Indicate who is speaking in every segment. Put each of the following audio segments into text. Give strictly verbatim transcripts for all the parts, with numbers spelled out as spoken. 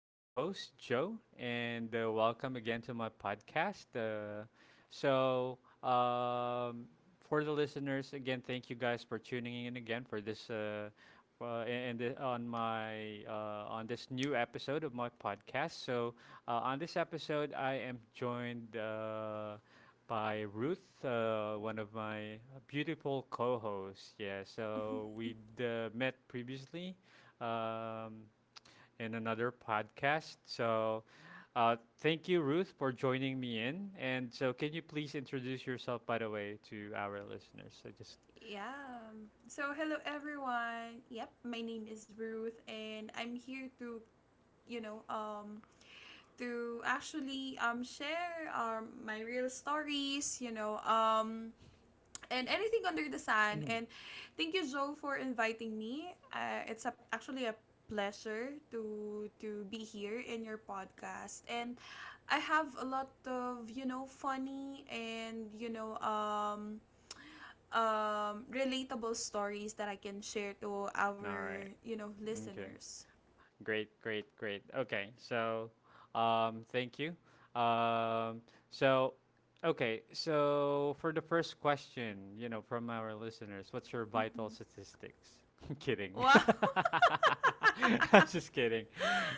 Speaker 1: your host, Joe, and uh, welcome again to my podcast. Uh, so, um, for the listeners, again, thank you guys for tuning in again for this. Uh, uh, and the- on my uh, on this new episode of my podcast. So uh, on this episode, I am joined. Uh, by Ruth, uh, one of my beautiful co hosts. Yeah, so we'd uh, met previously um, in another podcast. So uh, thank you, Ruth, for joining me in. And so, can you please introduce yourself, by the way, to our listeners? So just,
Speaker 2: Yeah. um, So hello everyone. Yep, my name is Ruth and I'm here to, you know, um to actually um share um my real stories, you know, um and anything under the sun. And thank you Joe for inviting me. Uh, it's a, actually a pleasure to to be here in your podcast and I have a lot of, you know, funny and, you know, um um, relatable stories that I can share to
Speaker 1: all
Speaker 2: our,
Speaker 1: right.
Speaker 2: you know,
Speaker 1: Okay.
Speaker 2: listeners.
Speaker 1: Great, great, great. Okay, so um, thank you. Um, so, okay, so for the first question, you know, from our listeners, what's your vital
Speaker 2: Mm-hmm.
Speaker 1: statistics? kidding.
Speaker 2: Wow.
Speaker 1: I'm just kidding.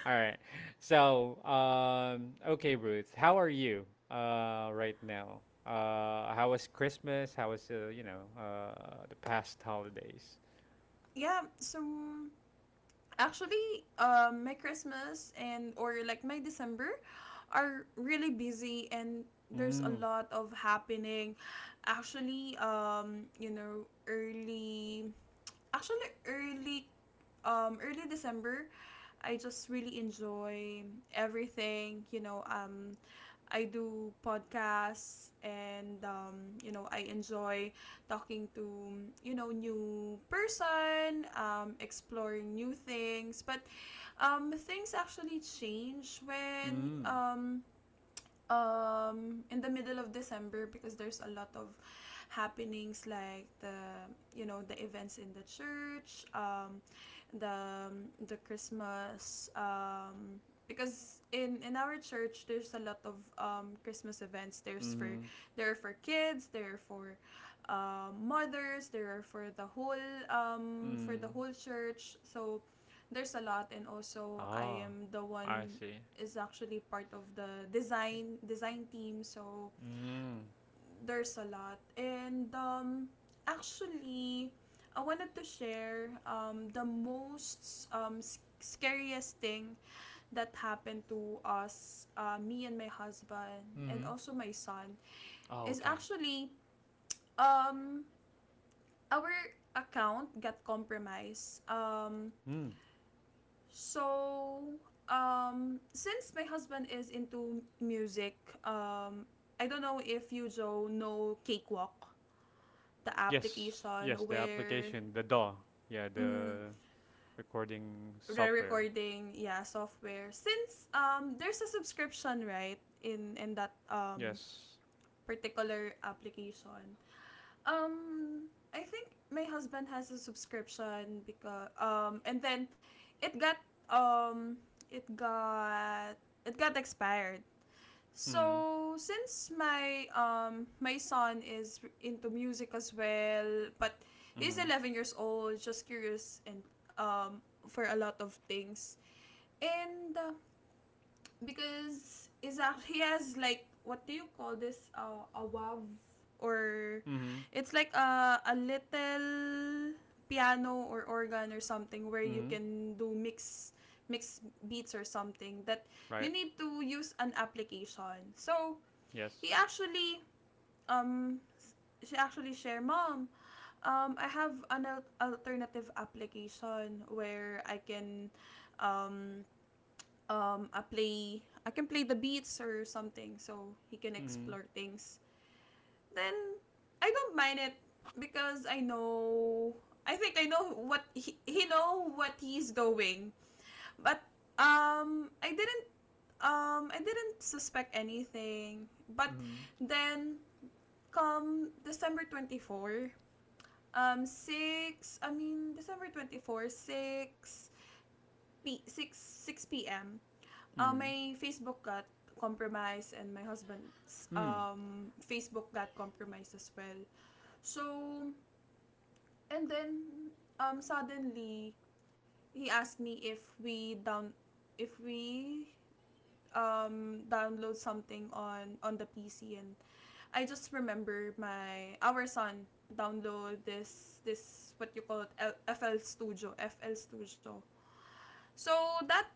Speaker 1: All right. So, um, okay, Ruth, how are you uh, right now? Uh, how was Christmas? How was, uh, you know, uh, the past holidays?
Speaker 2: yeah. So actually, um, my Christmas and or like my December are really busy and there's a
Speaker 1: Mm,
Speaker 2: lot of happening. Actually, um, you know, early actually early um early December I just really enjoy everything, you know, um I do podcasts and um you know, I enjoy talking to you know new person, um exploring new things, but um things actually change when
Speaker 1: mm,
Speaker 2: um um in the middle of December because there's a lot of happenings like the you know the events in the church um the the Christmas um because in in our church there's a lot of um Christmas events. There's for
Speaker 1: mm-hmm,
Speaker 2: there are for kids, there are for um mothers, there are for the whole um for the
Speaker 1: mm.
Speaker 2: whole church, so there's a lot. And also, I
Speaker 1: Oh,
Speaker 2: am the
Speaker 1: I
Speaker 2: one
Speaker 1: see.
Speaker 2: is actually part of the design design team, so
Speaker 1: Mm.
Speaker 2: there's a lot. And um actually I wanted to share um the most um scariest thing that happened to us, uh, me and my husband and
Speaker 1: Mm.
Speaker 2: also my son,
Speaker 1: Oh,
Speaker 2: is
Speaker 1: okay.
Speaker 2: actually um our account got compromised um
Speaker 1: Mm.
Speaker 2: So, um, since my husband is into music, um, I don't know if you, Joe, know Cakewalk, the
Speaker 1: Yes.
Speaker 2: application
Speaker 1: Yes, the
Speaker 2: where
Speaker 1: application, the D A W. Yeah,
Speaker 2: mm,
Speaker 1: the recording
Speaker 2: the
Speaker 1: software.
Speaker 2: recording, yeah, software. Since um, there's a subscription, right, in in that um
Speaker 1: Yes.
Speaker 2: particular application. Um, I think my husband has a subscription because um, and then it got um, it got it got expired.
Speaker 1: Mm.
Speaker 2: So since my um my son is into music as well, but he's
Speaker 1: Mhm.
Speaker 2: eleven years old, just curious and um for a lot of things. And uh, because is a, he has like, what do you call this uh, a wav, or
Speaker 1: Mhm.
Speaker 2: it's like a a little piano or organ or something where you
Speaker 1: Mhm.
Speaker 2: can do mix mix beats or something that you
Speaker 1: Right.
Speaker 2: need to use an application. So
Speaker 1: Yes.
Speaker 2: he actually, um, s- she actually share, Mom, um, I have an al- alternative application where I can, um, um, I play, I can play the beats or something, so he can
Speaker 1: Mhm.
Speaker 2: explore things. Then I don't mind it because I know I think I know what he, he know what he's doing. But um I didn't um I didn't suspect anything. But
Speaker 1: Mhm.
Speaker 2: then come December twenty-fourth, um, six, I mean, December twenty-fourth, six, p- six, six p m, uh,
Speaker 1: Mhm.
Speaker 2: my Facebook got compromised, and my husband's
Speaker 1: Mm.
Speaker 2: um, Facebook got compromised as well. So, and then, um, suddenly, he asked me if we down, if we um, download something on, on the P C. And I just remember my our son download this this what you call it F L Studio F L Studio. So that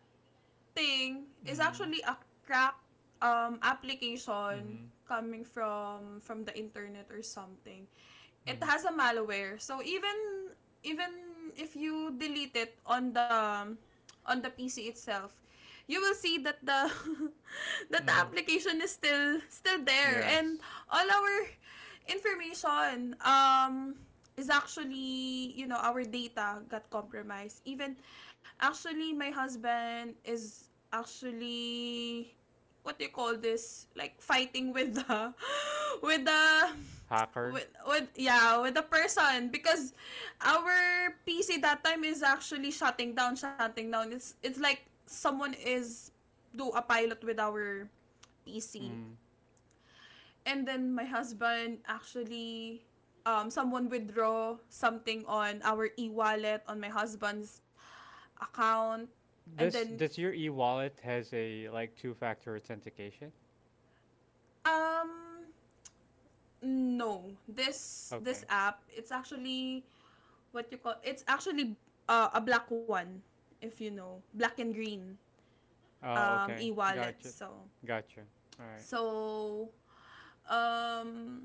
Speaker 2: thing is
Speaker 1: Mhm.
Speaker 2: actually a crack um application
Speaker 1: Mhm.
Speaker 2: coming from from the internet or something. It
Speaker 1: Mhm.
Speaker 2: has a malware. So even even if you delete it on the on the P C itself, you will see that the that the
Speaker 1: Mhm.
Speaker 2: application is still still there, and
Speaker 1: Yes.
Speaker 2: all our information um is actually you know our data got compromised. Even actually, my husband is actually, what do you call this, like fighting with the with the
Speaker 1: Hacker.
Speaker 2: with, with yeah with the person, because our P C that time is actually shutting down shutting down. it's it's like someone is do a pilot with our P C.
Speaker 1: Mm.
Speaker 2: And then my husband actually, um someone withdraw something on our e-wallet, on my husband's account. And
Speaker 1: This
Speaker 2: then
Speaker 1: does your e-wallet has a like two-factor authentication?
Speaker 2: um no, this this
Speaker 1: Okay.
Speaker 2: app, it's actually, what you call, it's actually uh, a black one, if you know, black and green
Speaker 1: Oh,
Speaker 2: um
Speaker 1: okay.
Speaker 2: e-wallet.
Speaker 1: Gotcha.
Speaker 2: So
Speaker 1: Gotcha. All right.
Speaker 2: so um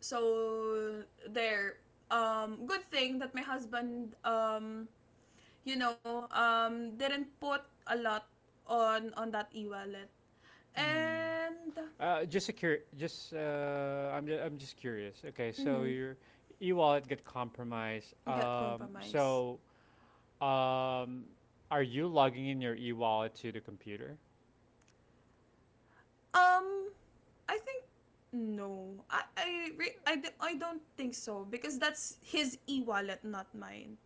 Speaker 2: so there um good thing that my husband, um you know um didn't put a lot on on that e-wallet.
Speaker 1: Hmm.
Speaker 2: And
Speaker 1: Uh, just a cur. Just uh, I'm ju- I'm just curious. Okay, so
Speaker 2: mhm,
Speaker 1: your e-wallet got compromised.
Speaker 2: get
Speaker 1: Um,
Speaker 2: compromised.
Speaker 1: so um, are you logging in your e-wallet to the computer?
Speaker 2: um I think no. I I re- I, d- I don't think so, because that's his e-wallet, not mine.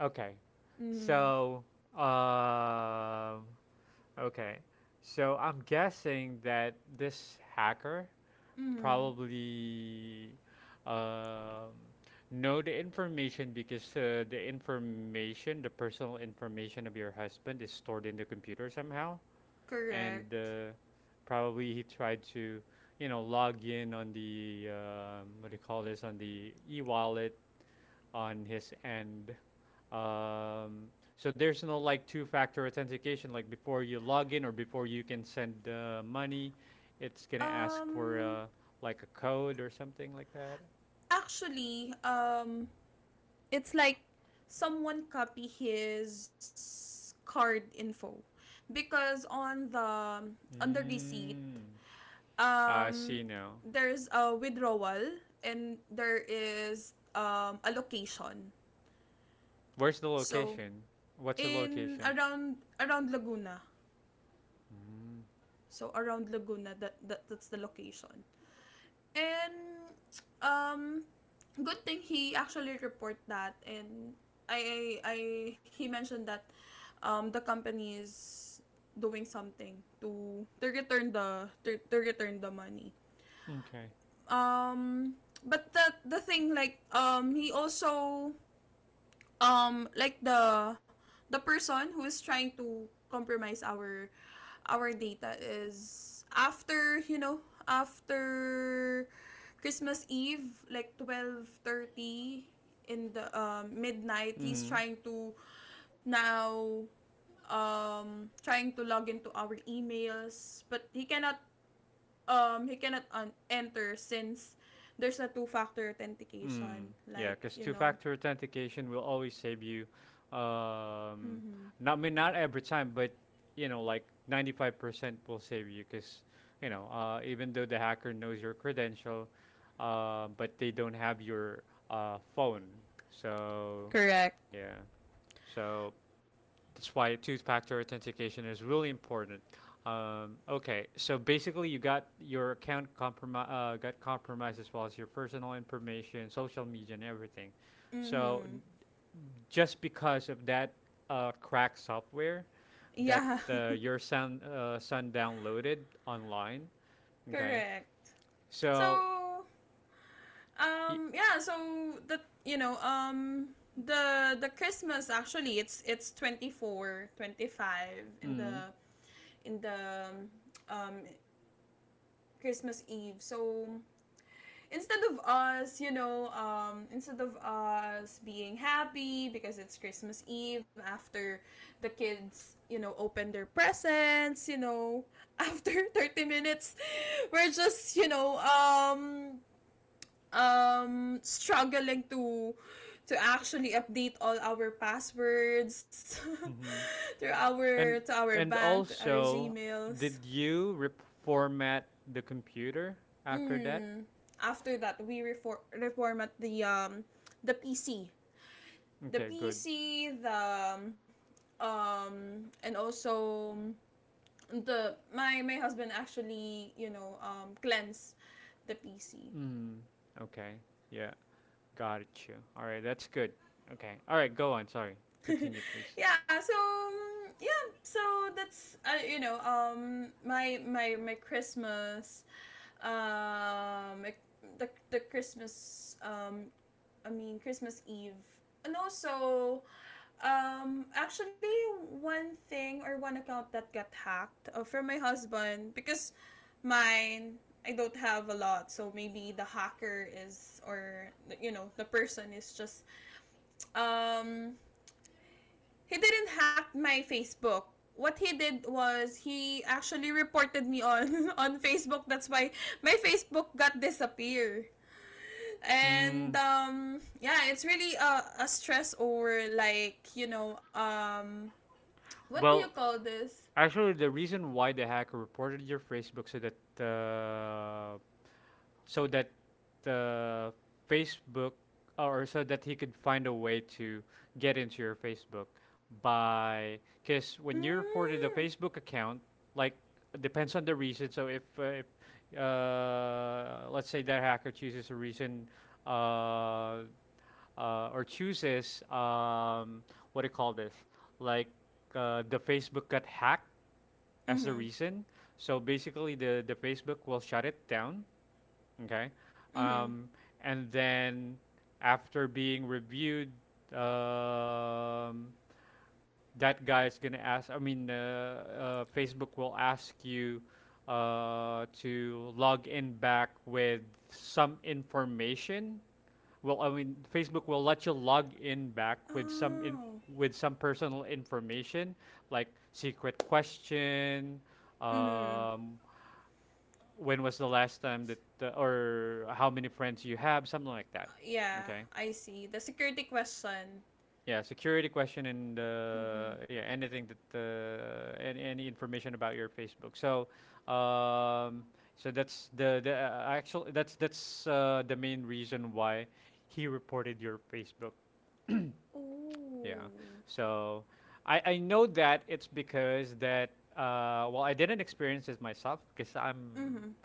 Speaker 1: Okay.
Speaker 2: Mm.
Speaker 1: So um, okay. So I'm guessing that this hacker
Speaker 2: Mm.
Speaker 1: probably um, know the information because uh, the information, the personal information of your husband is stored in the computer somehow, and
Speaker 2: Correct.
Speaker 1: uh, probably he tried to, you know, log in on the um, what do you call this on the e-wallet on his end um, so there's no like two-factor authentication like before you log in or before you can send uh, money. It's gonna ask
Speaker 2: Um
Speaker 1: for uh, like a code or something like that.
Speaker 2: actually, um it's like someone copy his card info, because on the on the receipt
Speaker 1: Mm. I
Speaker 2: um
Speaker 1: see now.
Speaker 2: there's a withdrawal and there is um a location.
Speaker 1: Where's the
Speaker 2: So
Speaker 1: location? What's the
Speaker 2: in
Speaker 1: location?
Speaker 2: around around Laguna. So around Laguna, that, that that's the location. And um, good thing he actually report that, and I I, I he mentioned that um, the company is doing something to to return the to, to return the money.
Speaker 1: Mm. Okay.
Speaker 2: Um, but the the thing like, um, he also um like the the person who is trying to compromise our our data is after you know after Christmas Eve like twelve thirty in the um, midnight. He's
Speaker 1: Hmm.
Speaker 2: trying to now um trying to log into our emails, but he cannot um he cannot un- enter since there's a two factor
Speaker 1: Mm,
Speaker 2: authentication,
Speaker 1: yeah,
Speaker 2: like,
Speaker 1: because
Speaker 2: you know.
Speaker 1: two-factor authentication will always save you. Um,
Speaker 2: Mhm.
Speaker 1: Not I mean not every time, but you know, like ninety-five percent will save you because you know, uh, even though the hacker knows your credential, uh, but they don't have your uh, phone. So
Speaker 2: Correct.
Speaker 1: yeah, so that's why two-factor authentication is really important. Um, okay, so basically, you got your account compromi- uh, got compromised as well as your personal information, social media, and everything. So
Speaker 2: Mm-hmm.
Speaker 1: just because of that uh, crack software that
Speaker 2: Yeah.
Speaker 1: uh, your son uh, son downloaded online, okay.
Speaker 2: Correct.
Speaker 1: So,
Speaker 2: So
Speaker 1: y-
Speaker 2: um yeah, so the, you know, um the the Christmas, actually it's it's twenty four twenty five in
Speaker 1: mm,
Speaker 2: the in the um Christmas Eve. So instead of us, you know, um, instead of us being happy because it's Christmas Eve, after the kids, you know, open their presents, you know, after thirty minutes, we're just, you know, um, um struggling to to actually update all our passwords
Speaker 1: hmm
Speaker 2: to our
Speaker 1: and
Speaker 2: to our
Speaker 1: and
Speaker 2: bank, to our
Speaker 1: also,
Speaker 2: gmails.
Speaker 1: did you re- format the computer after that?
Speaker 2: Mm, After that, we refor- reformat the um the P C, the
Speaker 1: Okay, good.
Speaker 2: P C, the um, um and also the my, my husband actually, you know, um cleanse the P C.
Speaker 1: Mm. Okay. Yeah. Got you. All right. That's good. Okay. All right. Go on. Sorry. Continue, please.
Speaker 2: yeah so um, yeah so that's, uh, you know um my my my christmas, um my- the, the christmas, um I mean Christmas Eve. And also, Um, actually, one thing or one account that got hacked, uh, from my husband, because mine, I don't have a lot, so maybe the hacker is, or you know the person is just um he didn't hack my Facebook. What he did was he actually reported me on on Facebook. That's why my Facebook got disappear.
Speaker 1: Mm.
Speaker 2: And um yeah, it's really a, a stress over, like, you know, um what do you
Speaker 1: Well,
Speaker 2: call this?
Speaker 1: actually, the reason why the hacker reported your Facebook so that uh, so that uh, Facebook or so that he could find a way to get into your Facebook by because when you reported a
Speaker 2: Mm.
Speaker 1: Facebook account, like depends on the reason. So if, uh, if uh, let's say that hacker chooses a reason uh, uh, or chooses um, what do you call this, like uh, the Facebook got hacked as the
Speaker 2: Mhm.
Speaker 1: reason. So basically, the the Facebook will shut it down. Okay.
Speaker 2: Mhm.
Speaker 1: Um, and then after being reviewed, um, that guy is going to ask, I mean, uh, uh, Facebook will ask you uh, to log in back with some information. Well, I mean, Facebook will let you log in back with some in,
Speaker 2: Oh.
Speaker 1: with some personal information like secret question,
Speaker 2: Mhm.
Speaker 1: um, when was the last time that uh, or how many friends you have something like
Speaker 2: Uh,
Speaker 1: that.
Speaker 2: Yeah,
Speaker 1: Okay,
Speaker 2: I see. The security question.
Speaker 1: yeah security question and uh,
Speaker 2: Mhm.
Speaker 1: yeah anything that uh, any, any information about your Facebook so um, so that's the the uh, actual that's that's uh, the main reason why he reported your Facebook.
Speaker 2: Ooh.
Speaker 1: Yeah, so I I know that it's because that uh, well I didn't experience this myself because i'm
Speaker 2: Mhm.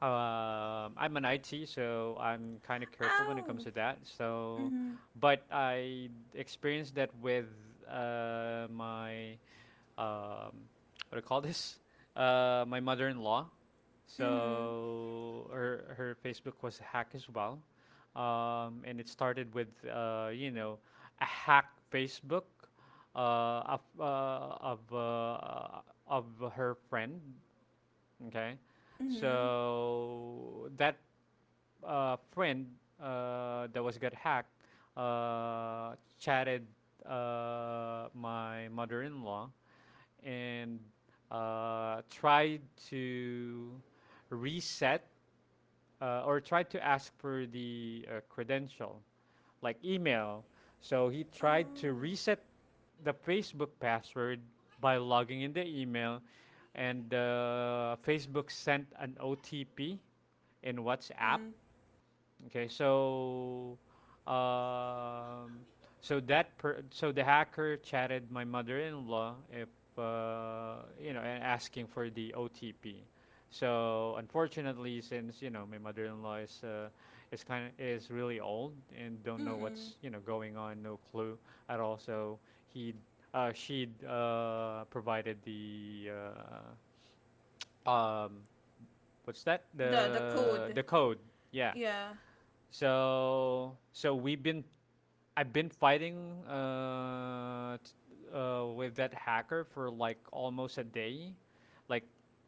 Speaker 1: um, I'm an I T, so I'm kind of careful when it comes
Speaker 2: Ow.
Speaker 1: to that. So,
Speaker 2: Mhm.
Speaker 1: but I experienced that with uh, my um, what do you call this? Uh, my mother-in-law.
Speaker 2: Mhm.
Speaker 1: So her her Facebook was hacked as well, um, and it started with uh, you know a hack Facebook uh, of uh, of uh, of her friend. Okay,
Speaker 2: Mhm.
Speaker 1: so that uh, friend uh, that was got hacked uh, chatted uh, my mother-in-law and uh, tried to reset uh, or tried to ask for the uh, credential, like email. So he tried to
Speaker 2: Oh.
Speaker 1: reset the Facebook password by logging in the email, and uh, Facebook sent an O T P in WhatsApp.
Speaker 2: Mhm.
Speaker 1: Okay, so um, so that per- so the hacker chatted my mother-in-law if uh, you know and asking for the O T P. So unfortunately, since you know my mother-in-law is uh, is kind of is really old and don't know
Speaker 2: Mhm.
Speaker 1: what's you know going on, no clue at all. So he uh, she uh, provided the uh, um, what's that
Speaker 2: The the
Speaker 1: the the
Speaker 2: code.
Speaker 1: code? Yeah,
Speaker 2: Yeah.
Speaker 1: so so we've been I've been fighting uh, t- uh, with that hacker for like almost a day. Like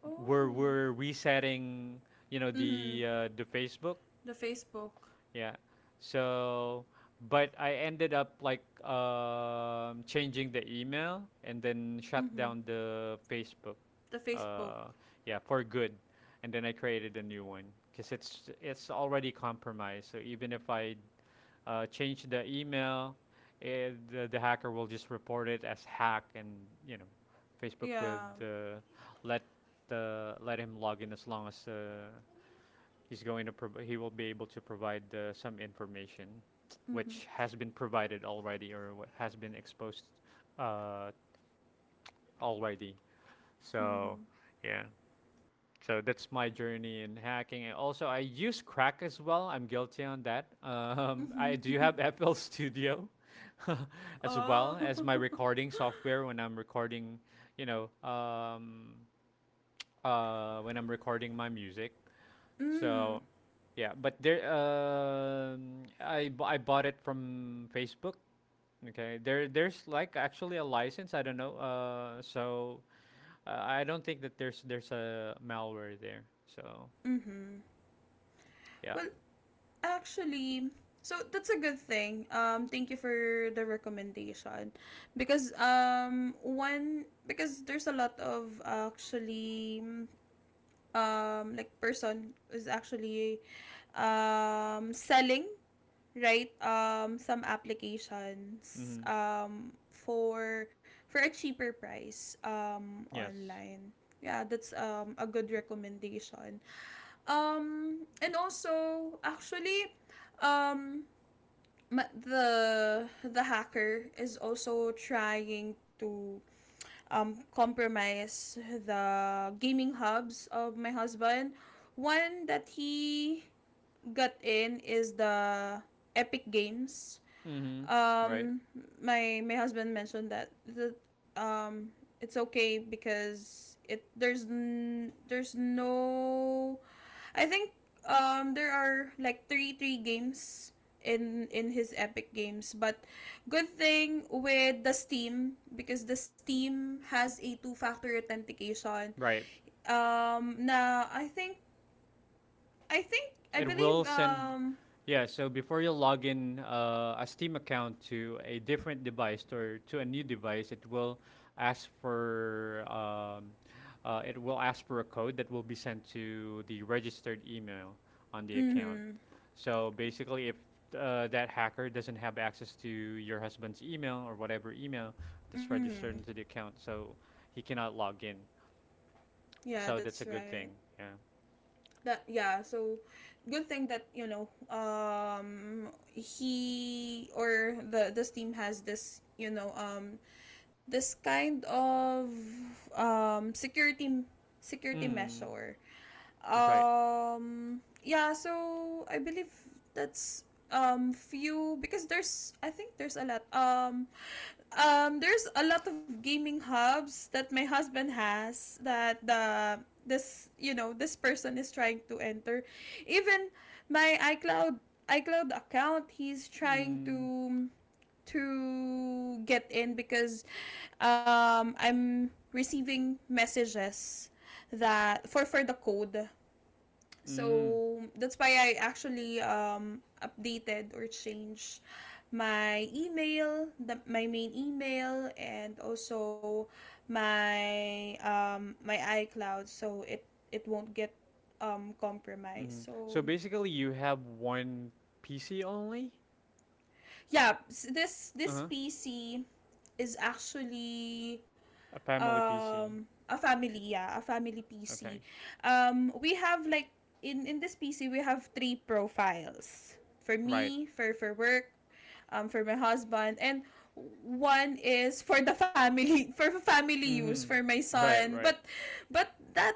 Speaker 2: Oh.
Speaker 1: we're
Speaker 2: Ooh.
Speaker 1: we're resetting, you know, the
Speaker 2: Mhm.
Speaker 1: uh, the Facebook,
Speaker 2: The Facebook.
Speaker 1: yeah. So, but I ended up like um, changing the email and then shut
Speaker 2: Mhm.
Speaker 1: down the Facebook.
Speaker 2: The Facebook.
Speaker 1: Uh, yeah, for good. And then I created a new one because it's it's already compromised. So even if I uh, change the email, eh, the, the hacker will just report it as hack, and you know, Facebook would
Speaker 2: Yeah.
Speaker 1: uh, let uh, let him log in as long as uh, he's going to prov- he will be able to provide uh, some information
Speaker 2: Mhm.
Speaker 1: which has been provided already or what has been exposed uh, already so
Speaker 2: Mhm.
Speaker 1: yeah so that's my journey in hacking and also I use crack as well I'm guilty on that. um, I
Speaker 2: Mhm.
Speaker 1: do have FL Studio as well
Speaker 2: oh.
Speaker 1: as my recording software when I'm recording you know um, uh, when I'm recording my music.
Speaker 2: Mm,
Speaker 1: So, yeah, but there, um, I bu- I bought it from Facebook. Okay, there there's like actually a license. I don't know. Uh, so uh, I don't think that there's there's a malware there. So
Speaker 2: mm-hmm.
Speaker 1: yeah.
Speaker 2: Well, actually, so that's a good thing. Um, thank you for the recommendation, because um, one, because there's a lot of actually um like person is actually um selling, right, um some applications
Speaker 1: Mm-hmm.
Speaker 2: um for for a cheaper price um
Speaker 1: Yes.
Speaker 2: online. Yeah, that's um a good recommendation. Um, and also, actually, um, ma- the the hacker is also trying to um, compromise the gaming hubs of my husband. One that he got in is the Epic Games.
Speaker 1: Mm-hmm. Right.
Speaker 2: Um, my my husband mentioned that the um it's okay because it there's n- there's no, I think um there are like three three games in in his Epic Games, but good thing with the Steam, because the Steam has a two factor authentication.
Speaker 1: Right.
Speaker 2: Um, na I think I think I
Speaker 1: It will
Speaker 2: believe
Speaker 1: send,
Speaker 2: um
Speaker 1: yeah. So before you log in uh, a Steam account to a different device or to a new device, it will ask for um, uh, it will ask for a code that will be sent to the registered email on the account.
Speaker 2: mm-hmm,
Speaker 1: So basically, if uh, that hacker doesn't have access to your husband's email or whatever email that's
Speaker 2: mm-hmm.
Speaker 1: registered into the account, so he cannot log in.
Speaker 2: Yeah,
Speaker 1: So that's
Speaker 2: that's
Speaker 1: a good
Speaker 2: right.
Speaker 1: thing. Yeah.
Speaker 2: That, yeah, so good thing that, you know, um he or the the Steam has this, you know, um this kind of um security, security
Speaker 1: Mm,
Speaker 2: measure.
Speaker 1: that's right.
Speaker 2: Um yeah, so I believe that's um few, because there's, I think there's a lot, um um there's a lot of gaming hubs that my husband has that the this, you know, this person is trying to enter. Even my iCloud, iCloud account he's trying
Speaker 1: Mm.
Speaker 2: to to get in, because um, I'm receiving messages that for for the code.
Speaker 1: Mm,
Speaker 2: So that's why I actually um, updated or changed my email, the, my main email, and also my um, my iCloud, so it it won't get um, compromised.
Speaker 1: mm.
Speaker 2: So
Speaker 1: So basically, you have one P C only?
Speaker 2: yeah, this this
Speaker 1: Uh-huh.
Speaker 2: P C is actually
Speaker 1: A family P C.
Speaker 2: um a family, yeah, a family
Speaker 1: Okay.
Speaker 2: PC. Um we have like in in this PC, we have three profiles, for
Speaker 1: Right.
Speaker 2: me for for work, um for my husband, and one is for the family for family use,
Speaker 1: Mm-hmm.
Speaker 2: for my
Speaker 1: Right,
Speaker 2: son. But
Speaker 1: right.
Speaker 2: but that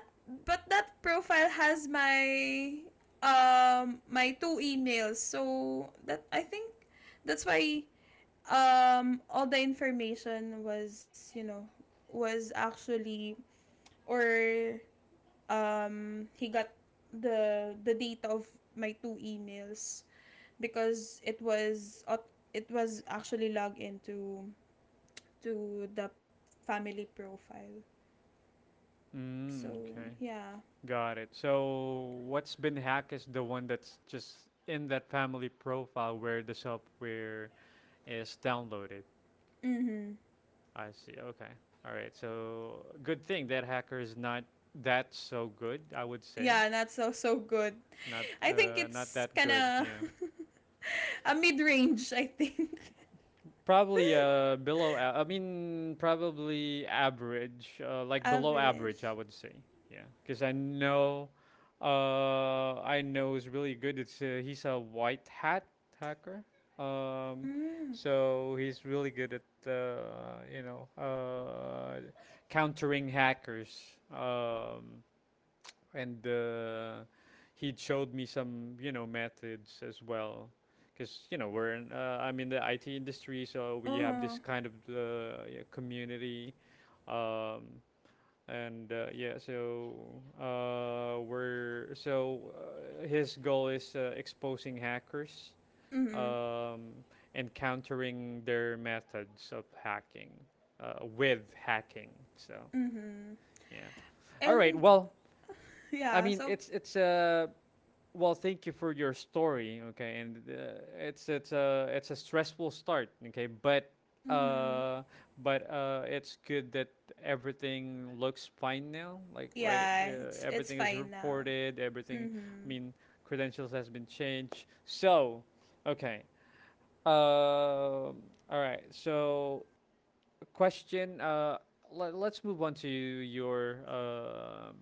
Speaker 2: but that profile has my um my two emails, so that I think that's why um all the information was you know was actually or um he got the the data of my two emails, because it was aut- it was actually logged into to the family profile.
Speaker 1: Mm,
Speaker 2: So
Speaker 1: okay.
Speaker 2: yeah.
Speaker 1: Got it. So what's been hacked is the one that's just in that family profile where the software is downloaded.
Speaker 2: Mm-hmm.
Speaker 1: I see. Okay. All right. So good thing that hacker is not that so good, I would say.
Speaker 2: Yeah, not so so good.
Speaker 1: Not
Speaker 2: I think
Speaker 1: uh not
Speaker 2: it's
Speaker 1: that
Speaker 2: kind
Speaker 1: good,
Speaker 2: of
Speaker 1: yeah.
Speaker 2: a mid-range, I think.
Speaker 1: Probably uh below a- I mean probably average, uh, like below
Speaker 2: average.
Speaker 1: average I would say. Yeah, cuz I know uh I know is really good. It's uh, he's a white hat hacker. Um
Speaker 2: Mm.
Speaker 1: so he's really good at uh you know uh countering hackers. Um and uh, he showed me some you know methods as well because you know we're in, uh, I'm in the I T industry so we have this
Speaker 2: Uh-huh.
Speaker 1: kind of uh, yeah, community, um, and uh, yeah so uh, we're so uh, his goal is uh, exposing hackers,
Speaker 2: Mm-hmm.
Speaker 1: um, and countering their methods of hacking uh, with hacking. So
Speaker 2: Mm-hmm.
Speaker 1: yeah. All right
Speaker 2: And
Speaker 1: well I
Speaker 2: yeah,
Speaker 1: mean
Speaker 2: so
Speaker 1: it's it's a well, thank you for your story. Okay, and uh, it's it's a it's a stressful start. Okay, but
Speaker 2: mm-hmm.
Speaker 1: uh, but uh, it's good that everything looks fine now. Like right,
Speaker 2: Yeah,
Speaker 1: uh,
Speaker 2: it's it's
Speaker 1: everything is
Speaker 2: fine now.
Speaker 1: reported. Everything, I
Speaker 2: Mm-hmm.
Speaker 1: mean, credentials has been changed. So, okay. Um all right. So, question. Uh, let, let's move on to your. Um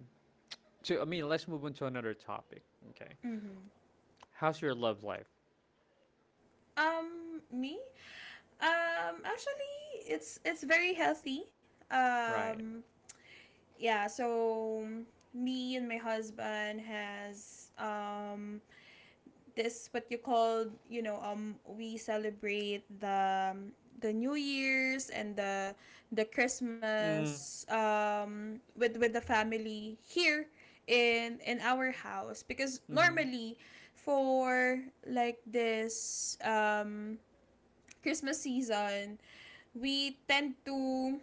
Speaker 1: to I mean, let's move on to another topic. Okay,
Speaker 2: Mm-hmm.
Speaker 1: how's your love life?
Speaker 2: Um, me? Um, actually, it's it's very healthy.
Speaker 1: Right.
Speaker 2: Um, yeah. So me and my husband has um this what you call, you know um we celebrate the um, the New Year's and the the
Speaker 1: Mm.
Speaker 2: Christmas um with with the family here in in our house, because
Speaker 1: Mm-hmm.
Speaker 2: normally, for like this um Christmas season, we tend to,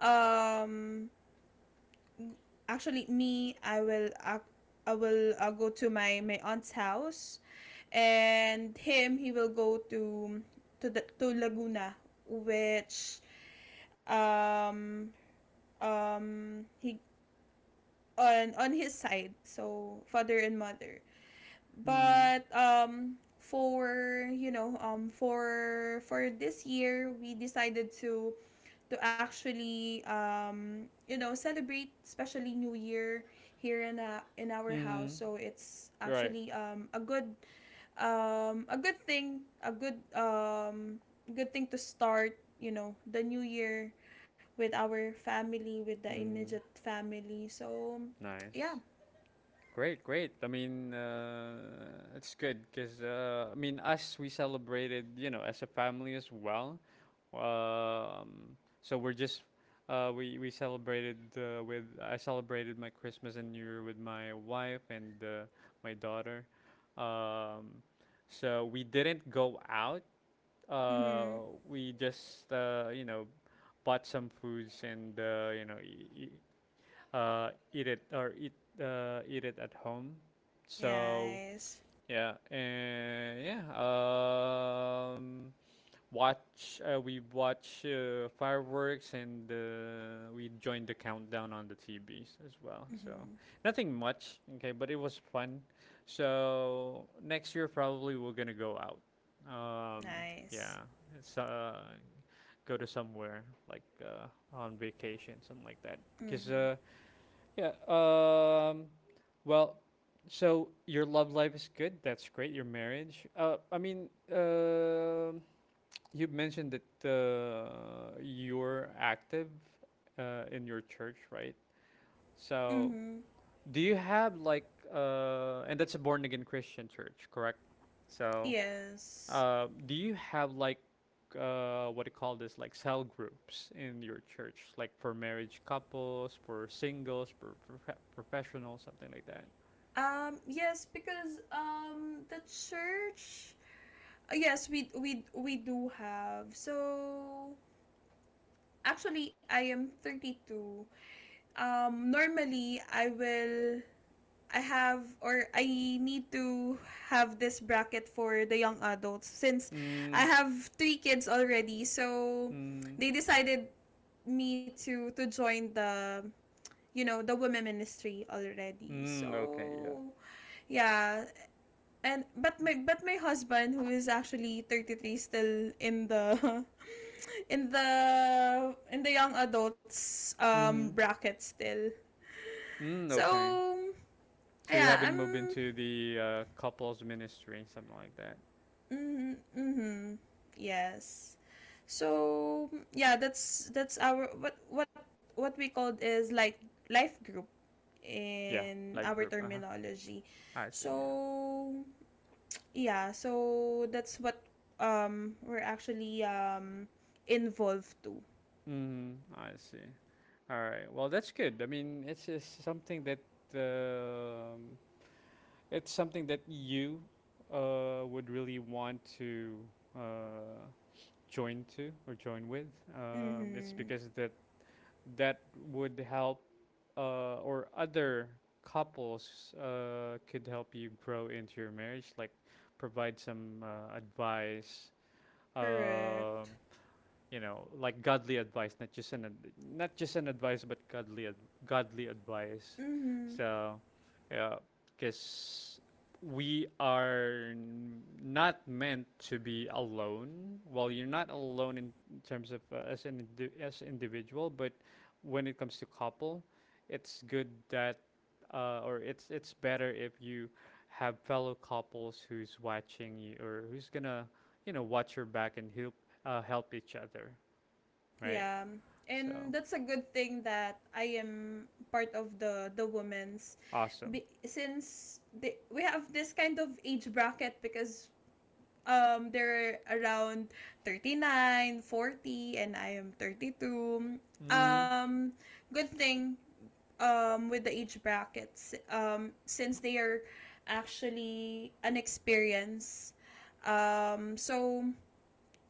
Speaker 2: um actually, me i will ac I will uh, go to my my aunt's house, and him, he will go to to the, to Laguna, which, um um he, on on his side, so father and mother.
Speaker 1: Mm-hmm.
Speaker 2: But um for, you know um for for this year, we decided to to actually, um, you know celebrate, especially New Year, here in uh, in our house.
Speaker 1: Mm-hmm.
Speaker 2: So it's
Speaker 1: Right.
Speaker 2: actually um, a good, um, a good thing, a good um, good thing to start, you know the new year with our family, with the
Speaker 1: Mm.
Speaker 2: immediate family. So yeah.
Speaker 1: Nice. Great, great. I mean, uh, it's good because uh, I mean, us we celebrated, you know, as a family as well. Um, so we're just uh, we we celebrated uh, with I celebrated my Christmas and New Year with my wife and uh, my daughter. Um, so we didn't go out
Speaker 2: Mm-hmm.
Speaker 1: uh, we just uh, you know bought some foods and uh, you know e- e- uh, eat it or eat uh, eat it at home. So
Speaker 2: Yes.
Speaker 1: yeah, and yeah, um, watch uh, we watch uh, fireworks and uh, we joined the countdown on the T Vs as well. So
Speaker 2: Mm-hmm.
Speaker 1: nothing much, okay, but it was fun. So next year probably we're gonna go out. Um, yeah,
Speaker 2: Nice.
Speaker 1: it's uh, go to somewhere like uh, on vacation, something like that. Cause
Speaker 2: Mm-hmm.
Speaker 1: uh, yeah, um, well, so your love life is good. That's great. Your marriage. Uh, I mean, um you mentioned that uh, you're active uh, in your church, right? So,
Speaker 2: Mm-hmm.
Speaker 1: do you have like, uh, and that's a born again Christian church, correct? So,
Speaker 2: Yes.
Speaker 1: uh, do you have like, uh, what do you call this, like cell groups in your church, like for marriage couples, for singles, for prof- professionals, something like that?
Speaker 2: Um, yes, because um, the church. uh, Yes, we we we do have. So actually, I am thirty two. Um, normally I will. I have, or I need to have this bracket for the young adults, since
Speaker 1: Mm,
Speaker 2: I have three kids already. So
Speaker 1: mm,
Speaker 2: they decided me to to join the you know the women ministry already.
Speaker 1: mm, okay, yeah.
Speaker 2: So yeah, and but my but my husband, who is actually thirty three, still in the in the in the young adults
Speaker 1: Mm-hmm.
Speaker 2: um bracket still.
Speaker 1: Mm, okay.
Speaker 2: So
Speaker 1: So you have
Speaker 2: yeah,
Speaker 1: been moved
Speaker 2: I'm
Speaker 1: into the uh, couples ministry, something like that.
Speaker 2: mm, mm-hmm, yes. So yeah, that's that's our, what what what we called, is like life group
Speaker 1: Yeah.
Speaker 2: in
Speaker 1: Life
Speaker 2: our
Speaker 1: group. Uh huh.
Speaker 2: terminology.
Speaker 1: I see. Yeah.
Speaker 2: So yeah, so that's what, um we're actually um involved to.
Speaker 1: Mm. I see. All right. Well, that's good. I mean, it's, it's something that um, it's something that you uh, would really want to uh, join to or join with. Um, it's
Speaker 2: Mm-hmm.
Speaker 1: because that that would help uh, or other couples uh, could help you grow into your marriage like provide some uh, advice, um
Speaker 2: Correct.
Speaker 1: you know, like godly advice, not just an ad- not just an advice, but godly ad- godly advice.
Speaker 2: Mm-hmm.
Speaker 1: So, yeah, because we are n- not meant to be alone. Well, you're not alone in terms of uh, as an indi- as individual, but when it comes to couple, it's good that uh, or it's it's better if you have fellow couples who's watching you or who's gonna you know watch your back and help uh, help each other, right?
Speaker 2: Yeah, and
Speaker 1: So
Speaker 2: that's a good thing that I am part of the the women's,
Speaker 1: awesome.
Speaker 2: be- since they, we have this kind of age bracket, because um they're around thirty nine, forty, and I am thirty two.
Speaker 1: Mm,
Speaker 2: um Good thing, um, with the age brackets, um, since they are actually inexperienced. Um, so,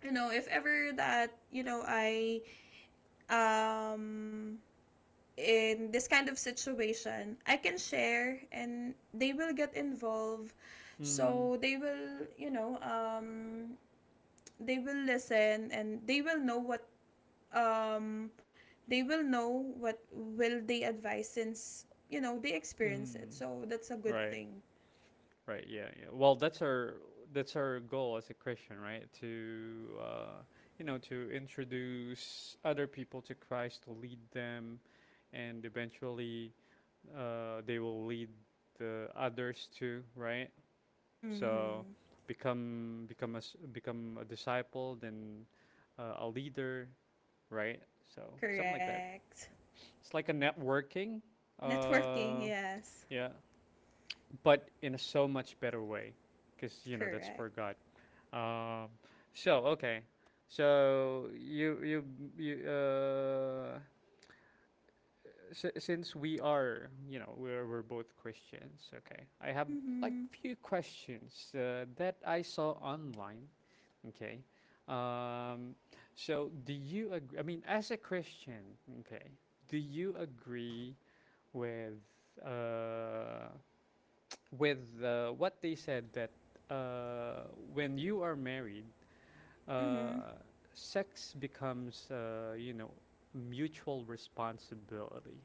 Speaker 2: you know, if ever that, you know, I, um, in this kind of situation, I can share and they will get involved.
Speaker 1: mm,
Speaker 2: So they will, you know, um, they will listen and they will know what, um they will know what will they advise, since you know they experience it.
Speaker 1: mm.
Speaker 2: So that's a good
Speaker 1: Right,
Speaker 2: thing.
Speaker 1: right, yeah, yeah. Well, that's our that's our goal as a Christian, right? To uh, you know to introduce other people to Christ, to lead them, and eventually uh, they will lead the others too, right? So
Speaker 2: Mm-hmm.
Speaker 1: become become a s- become a disciple, then uh, a leader, right? So something like that.
Speaker 2: Correct.
Speaker 1: It's like a networking,
Speaker 2: Networking,
Speaker 1: uh,
Speaker 2: yes.
Speaker 1: yeah, but in a so much better way, because you know that's for
Speaker 2: Correct.
Speaker 1: God. Um, so okay, so you you you uh, s- since we are you know we're we're both Christians, okay. I have like
Speaker 2: Mm-hmm.
Speaker 1: few questions uh, that I saw online. Okay. Um, so, do you agree? I mean, as a Christian, okay, do you agree with uh, with uh, what they said that uh, when you are married,
Speaker 2: Mm-hmm.
Speaker 1: uh, sex becomes, uh, you know, mutual responsibility?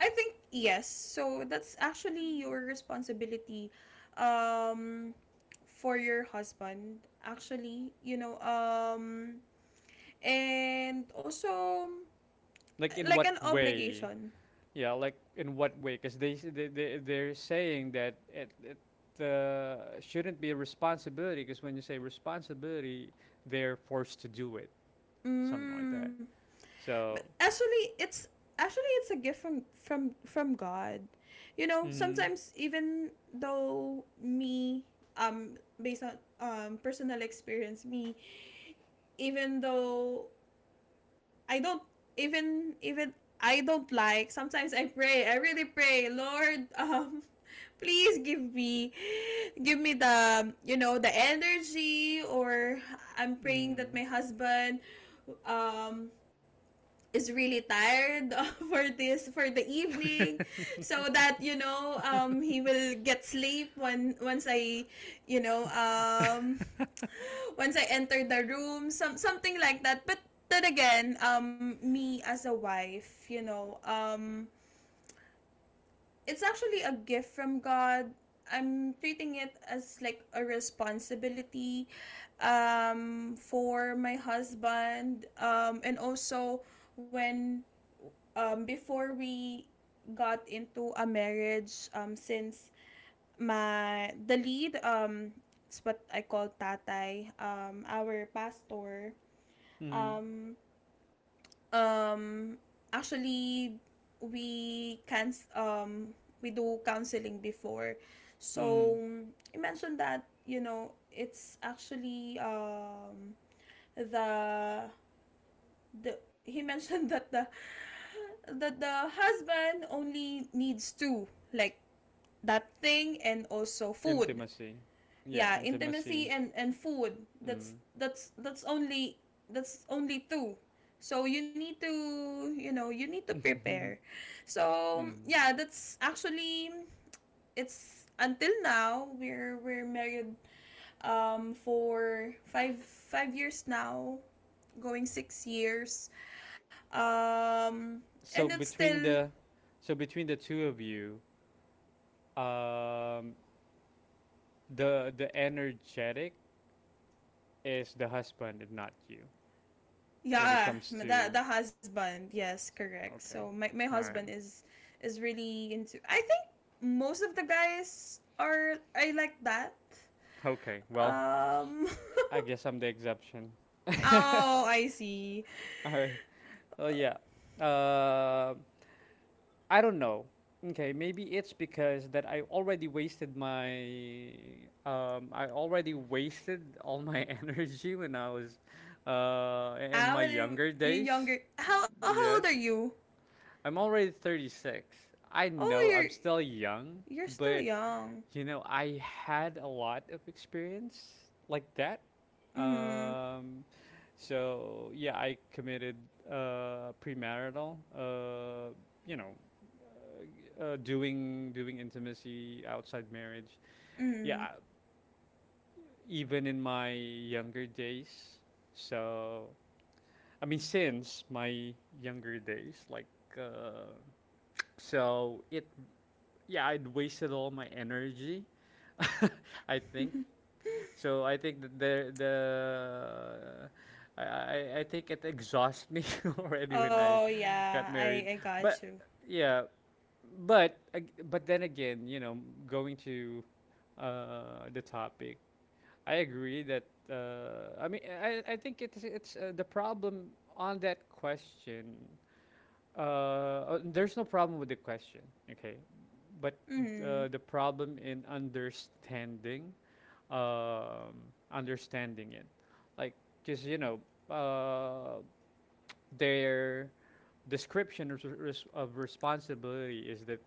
Speaker 2: I think yes, so that's actually your responsibility um for your husband, actually, you know, um and also,
Speaker 1: Like, in
Speaker 2: like
Speaker 1: what
Speaker 2: an
Speaker 1: way?
Speaker 2: obligation.
Speaker 1: Yeah, like in what way? Because they, s- they they they're saying that it it uh, shouldn't be a responsibility. Because when you say responsibility, they're forced to do it, something like that.
Speaker 2: Mm.
Speaker 1: So,
Speaker 2: But actually, it's actually it's a gift from from from God. You know,
Speaker 1: mm,
Speaker 2: sometimes, even though me, um based on um personal experience, me, even though I don't, even even I don't like sometimes, I pray, I really pray, Lord, um please give me, give me the, you know, the energy, or I'm praying that
Speaker 1: mm,
Speaker 2: my husband, um is really tired for this, for the evening, so that, you know, um he will get sleep when once I, you know, um once I enter the room, some something like that. But then again, um me as a wife, you know, um it's actually a gift from God. I'm treating it as like a responsibility um, for my husband. Um, and also, when, um, before we got into a marriage, um, since my, the lead, um, it's what I call tatay, um, our pastor,
Speaker 1: mm,
Speaker 2: um, um actually, we can, um we do counseling before. So
Speaker 1: mm,
Speaker 2: I mentioned that, you know, it's actually, um the, the he mentioned that the, that the husband only needs two, like, that thing and also food.
Speaker 1: intimacy. Yeah,
Speaker 2: Yeah, intimacy
Speaker 1: intimacy.
Speaker 2: and and food, that's
Speaker 1: Mm.
Speaker 2: that's that's only, that's only two. So you need to, you know, you need to prepare. So
Speaker 1: mm.
Speaker 2: yeah, that's actually, it's until now, we're we're married um for five five years now, going six years, um
Speaker 1: So
Speaker 2: and it's
Speaker 1: between
Speaker 2: still.
Speaker 1: the so between the two of you, um, the the energetic is the husband and not you when it
Speaker 2: Yeah,
Speaker 1: comes
Speaker 2: the
Speaker 1: to.
Speaker 2: the husband. Yes, correct. So
Speaker 1: Okay.
Speaker 2: my my
Speaker 1: All
Speaker 2: husband
Speaker 1: right.
Speaker 2: is is really into. I think most of the guys are, I like that.
Speaker 1: Okay. Well,
Speaker 2: Um.
Speaker 1: I guess I'm the exception.
Speaker 2: Oh, I see.
Speaker 1: All right. Oh yeah. Uh, I don't know. Okay, maybe it's because that I already wasted my um I already wasted all my energy when I was uh in
Speaker 2: How
Speaker 1: my
Speaker 2: would you,
Speaker 1: younger
Speaker 2: you're
Speaker 1: days.
Speaker 2: younger? How how old are
Speaker 1: Yes.
Speaker 2: you?
Speaker 1: I'm already thirty-six. I
Speaker 2: Oh,
Speaker 1: know I'm
Speaker 2: you're
Speaker 1: still young,
Speaker 2: you're still
Speaker 1: but
Speaker 2: young.
Speaker 1: you know, I had a lot of experience like that.
Speaker 2: Mm.
Speaker 1: Um, so yeah, I committed uh, premarital. Uh, you know, uh, doing doing intimacy outside marriage. Yeah,
Speaker 2: Mm.
Speaker 1: even in my younger days. So I mean, since my younger days, like uh, so it. Yeah, I'd wasted all my energy. I think. So I think that the the I I, I think it exhausts me already when I
Speaker 2: Oh
Speaker 1: got
Speaker 2: yeah, I
Speaker 1: married.
Speaker 2: I got
Speaker 1: But
Speaker 2: you.
Speaker 1: yeah, but ag- but then again, you know, going to uh, the topic, I agree that uh, I mean I I think it's it's uh, the problem on that question, uh, uh, there's no problem with the question, okay? But
Speaker 2: Mm.
Speaker 1: uh, the problem in understanding, um, understanding it, like, cause you know, uh, their description of, res- of responsibility is that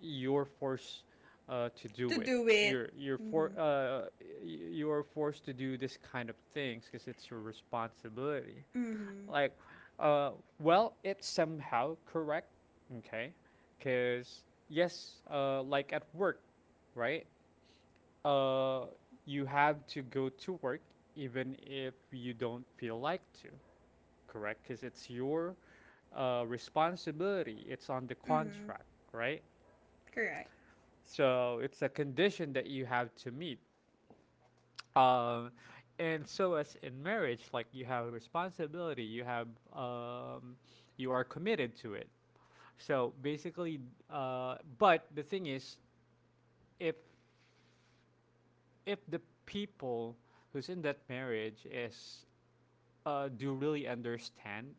Speaker 1: you're forced uh, to
Speaker 2: To
Speaker 1: do it.
Speaker 2: do it.
Speaker 1: You're you're for
Speaker 2: Mm.
Speaker 1: uh, y- you're forced to do this kind of things because it's your responsibility.
Speaker 2: Mm.
Speaker 1: Like, uh, well, it's somehow correct, okay? Because yes, uh, like at work, right? Uh, you have to go to work even if you don't feel like to, correct? Because it's your uh, responsibility. It's on the
Speaker 2: Mm.
Speaker 1: contract, right?
Speaker 2: Correct.
Speaker 1: So it's a condition that you have to meet. Um, and so as in marriage, like you have a responsibility, you have um, you are committed to it. So basically, uh, but the thing is, if if the people who's in that marriage is uh, do really understand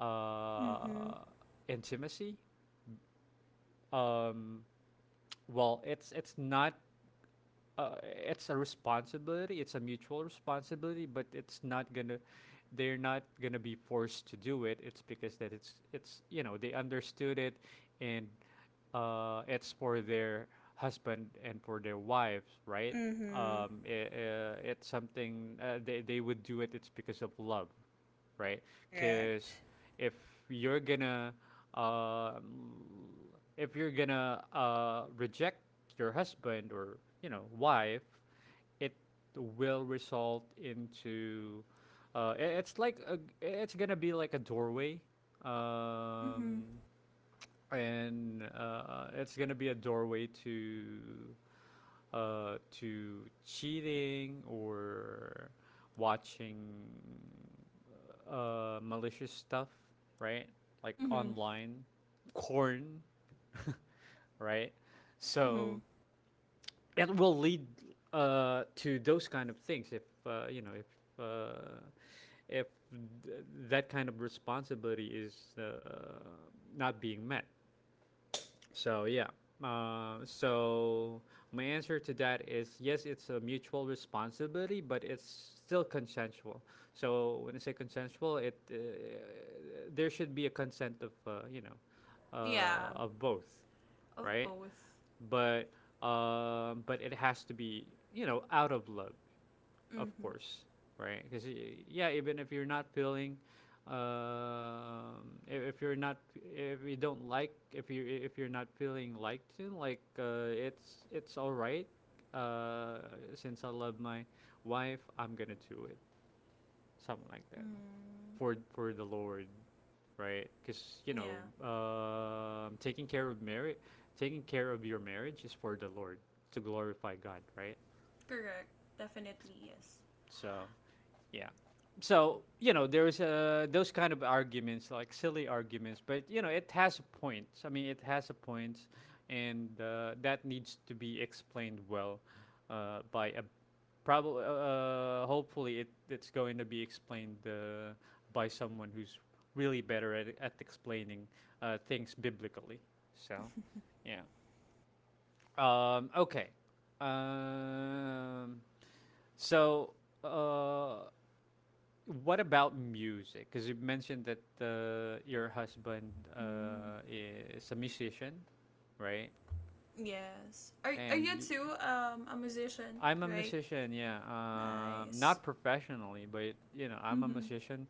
Speaker 1: uh,
Speaker 2: Mm.
Speaker 1: intimacy, um, well, it's it's not uh, it's a responsibility. It's a mutual responsibility, but it's not gonna they're not gonna be forced to do it. It's because that it's it's you know they understood it, and uh, it's for their husband and for their wives, right?
Speaker 2: Mm.
Speaker 1: Um, i- uh, it's something uh, they they would do it. It's because of love, right? Because
Speaker 2: Correct.
Speaker 1: if you're gonna uh, if you're gonna uh, reject your husband or you know wife, it will result into uh, i- it's like a, it's gonna be like a doorway,
Speaker 2: Mm-hmm.
Speaker 1: um, and uh, it's gonna be a doorway to uh, to cheating or watching uh, malicious stuff, right? Like
Speaker 2: Mm-hmm.
Speaker 1: online, corn, right? So
Speaker 2: Mm-hmm.
Speaker 1: it will lead uh, to those kind of things if uh, you know if uh, if th- that kind of responsibility is uh, not being met. So yeah. Uh, so my answer to that is yes, it's a mutual responsibility, but it's still consensual. So when I say consensual, it uh, there should be a consent of uh, you know uh,
Speaker 2: Yeah.
Speaker 1: of both, right?
Speaker 2: Of both.
Speaker 1: But um, but it has to be you know out of love of
Speaker 2: Mm-hmm.
Speaker 1: course, right? Because yeah, even if you're not feeling, um, if, if you're not, if you don't like, if you if you're not feeling liked, to, like uh, it's it's all right. Uh, since I love my wife, I'm gonna do it, something like that,
Speaker 2: Mm.
Speaker 1: for for the Lord, right? Because you know,
Speaker 2: Yeah.
Speaker 1: um taking care of marriage, taking care of your marriage is for the Lord to glorify God, right?
Speaker 2: Correct. Definitely yes.
Speaker 1: So yeah. So, you know, there's uh, those kind of arguments, like silly arguments, but, you know, it has a point. I mean, it has a point, and uh, that needs to be explained well uh, by a probably, uh, uh, hopefully, it, it's going to be explained uh, by someone who's really better at, at explaining uh, things biblically. So, yeah. Um, okay. Um, so, uh, what about music? Because you mentioned that uh, your husband
Speaker 2: Mm.
Speaker 1: uh, is a musician, right?
Speaker 2: Yes. Are
Speaker 1: And
Speaker 2: are
Speaker 1: y-
Speaker 2: you too um a musician,
Speaker 1: I'm a
Speaker 2: right?
Speaker 1: musician, yeah. Um, not
Speaker 2: Nice.
Speaker 1: professionally, but you know, I'm a
Speaker 2: Mm-hmm.
Speaker 1: musician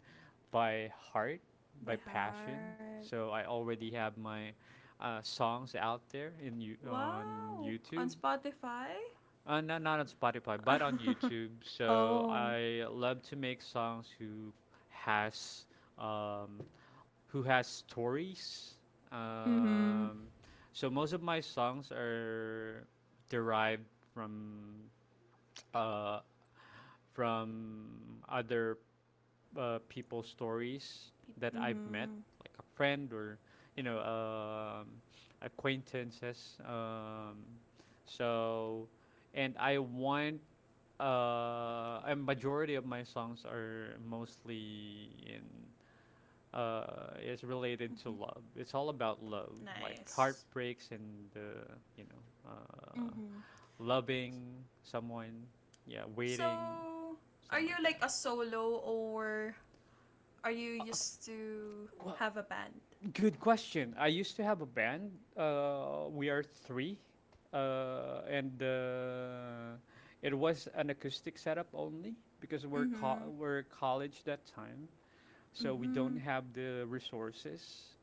Speaker 1: by heart, by
Speaker 2: By
Speaker 1: passion.
Speaker 2: heart.
Speaker 1: So I already have my uh, songs out there in you on
Speaker 2: Wow.
Speaker 1: YouTube.
Speaker 2: On Spotify?
Speaker 1: Uh, not not on Spotify, but on YouTube. So
Speaker 2: Oh.
Speaker 1: I love to make songs who has um, who has stories.
Speaker 2: Mm-hmm.
Speaker 1: Um, so most of my songs are derived from uh, from other uh, people's stories that I've met,
Speaker 2: Mm-hmm.
Speaker 1: like a friend or you know um, acquaintances. Um, so, and I want uh, a majority of my songs are mostly in uh, is related to
Speaker 2: Mm-hmm.
Speaker 1: love. It's all about love, like
Speaker 2: Nice.
Speaker 1: heartbreaks and uh, you know, uh,
Speaker 2: Mm-hmm.
Speaker 1: loving someone, yeah, waiting,
Speaker 2: So, are
Speaker 1: something
Speaker 2: you
Speaker 1: like that.
Speaker 2: like a solo, or are you used to
Speaker 1: Well,
Speaker 2: have a band?
Speaker 1: good question. I used to have a band. Uh, we are three, uh, and uh, it was an acoustic setup only because we're
Speaker 2: Mm-hmm.
Speaker 1: co- we're college that time, so we don't
Speaker 2: Mm-hmm.
Speaker 1: have the resources.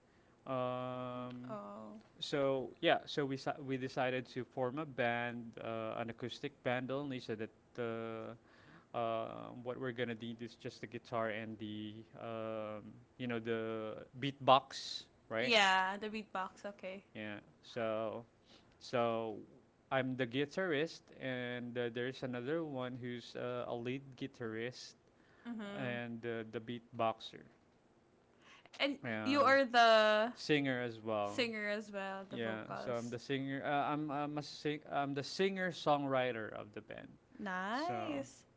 Speaker 1: Um,
Speaker 2: Oh.
Speaker 1: So yeah, so we sa- we decided to form a band, uh, an acoustic band only, so that the uh, what we're gonna need is just the guitar and the um, you know the beatbox, right?
Speaker 2: Yeah, the beatbox, okay.
Speaker 1: Yeah. So so I'm the guitarist, and uh, there's another one who's uh, a lead guitarist
Speaker 2: Mm-hmm.
Speaker 1: and uh, the beatboxer,
Speaker 2: And you
Speaker 1: uh,
Speaker 2: are the
Speaker 1: singer as well.
Speaker 2: singer as well, the
Speaker 1: Yeah, so I'm
Speaker 2: vocals.
Speaker 1: the singer. Uh, I'm I'm a sing. I'm the singer songwriter of the band. So
Speaker 2: Nice.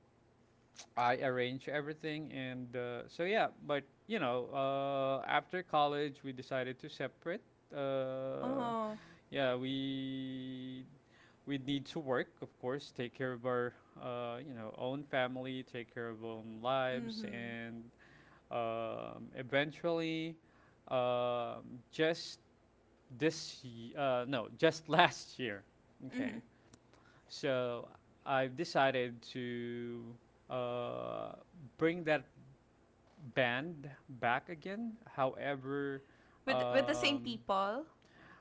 Speaker 1: I arrange everything, and uh, so yeah. But you know, uh, after college, we decided to separate. Uh,
Speaker 2: Oh.
Speaker 1: yeah, we we need to work, of course, take care of our uh, you know own family, take care of own lives,
Speaker 2: Mm-hmm.
Speaker 1: and um, eventually, um, just this uh, no just last year, okay,
Speaker 2: Mm-hmm.
Speaker 1: so I've decided to uh, bring that band back again. However,
Speaker 2: With with the same
Speaker 1: um,
Speaker 2: people.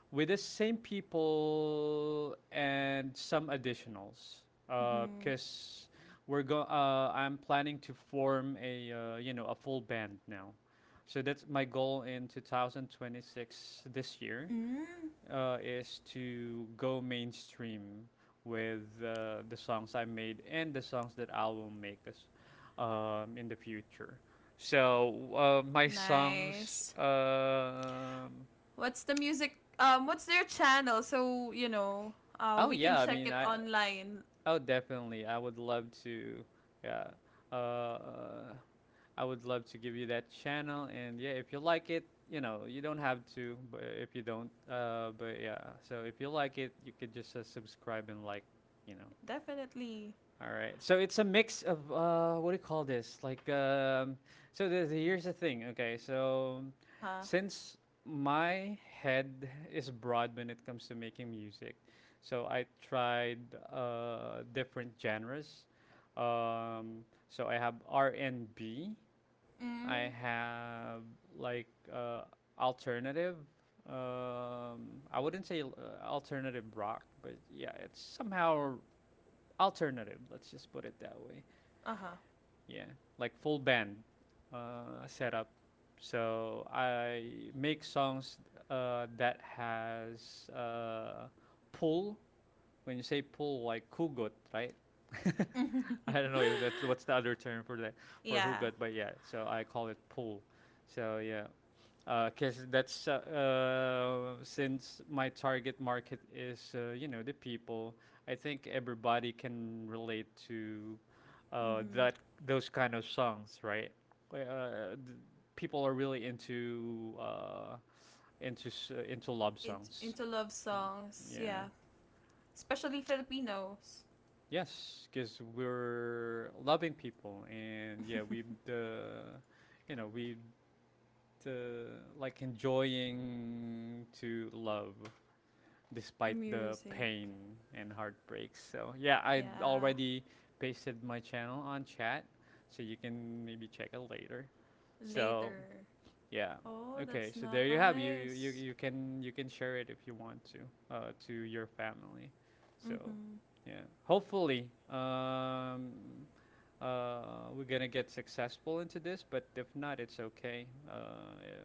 Speaker 1: with the same people and some additionals,
Speaker 2: Mm-hmm.
Speaker 1: because uh, we're go uh, I'm planning to form a uh, you know a full band now, so that's my goal in two thousand twenty-six this year,
Speaker 2: Mm.
Speaker 1: uh, is to go mainstream with uh, the songs I made and the songs that I will make us um, in the future. So uh, my songs.
Speaker 2: Nice.
Speaker 1: Um,
Speaker 2: What's the music? Um, what's their channel? So you know,
Speaker 1: oh
Speaker 2: uh, we
Speaker 1: yeah,
Speaker 2: can
Speaker 1: I mean
Speaker 2: check it
Speaker 1: I.
Speaker 2: online.
Speaker 1: Oh definitely, I would love to. Yeah. Uh, I would love to give you that channel, and yeah, if you like it, you know, you don't have to, but if you don't, uh, but yeah. So if you like it, you could just uh, subscribe and like, you know.
Speaker 2: Definitely.
Speaker 1: All right. So it's a mix of uh, what do you call this? Like, um, so the, the- here's the thing. Okay. So
Speaker 2: Uh huh.
Speaker 1: since my head is broad when it comes to making music, so I tried uh, different genres. Um, so I have R and B. I
Speaker 2: Mm.
Speaker 1: have like uh, alternative. Um, I wouldn't say l- uh, alternative rock, but yeah, it's somehow alternative. Let's just put it that way.
Speaker 2: Uh huh.
Speaker 1: Yeah, like full band uh, setup. So I make songs uh, that has uh, pull. When you say pull, like hugot, right? I don't know if that's what's the other term for that for
Speaker 2: Yeah.
Speaker 1: hugot, but yeah. So I call it pull. So yeah, because that's uh, uh, since my target market is uh, you know the people. I think everybody can relate to uh,
Speaker 2: Mhm.
Speaker 1: that those kind of songs, right? Uh, th- People are really into uh, into s- uh, into love
Speaker 2: It,
Speaker 1: songs.
Speaker 2: into love
Speaker 1: Mm,
Speaker 2: songs.
Speaker 1: yeah.
Speaker 2: Yeah, especially Filipinos.
Speaker 1: Yes, because we're loving people, and yeah, we uh, you know we uh, like enjoying to love
Speaker 2: The
Speaker 1: despite the
Speaker 2: music.
Speaker 1: pain and heartbreaks. So yeah, I
Speaker 2: Yeah.
Speaker 1: already pasted my channel on chat, so you can maybe check it later. So
Speaker 2: Later.
Speaker 1: yeah,
Speaker 2: Oh,
Speaker 1: okay.
Speaker 2: that's
Speaker 1: So there you have you you
Speaker 2: nice.
Speaker 1: you can you can share it if you want to uh, to your family. So
Speaker 2: Mhm.
Speaker 1: yeah, hopefully um, uh, we're gonna get successful into this, but if not, it's okay. Uh, yeah,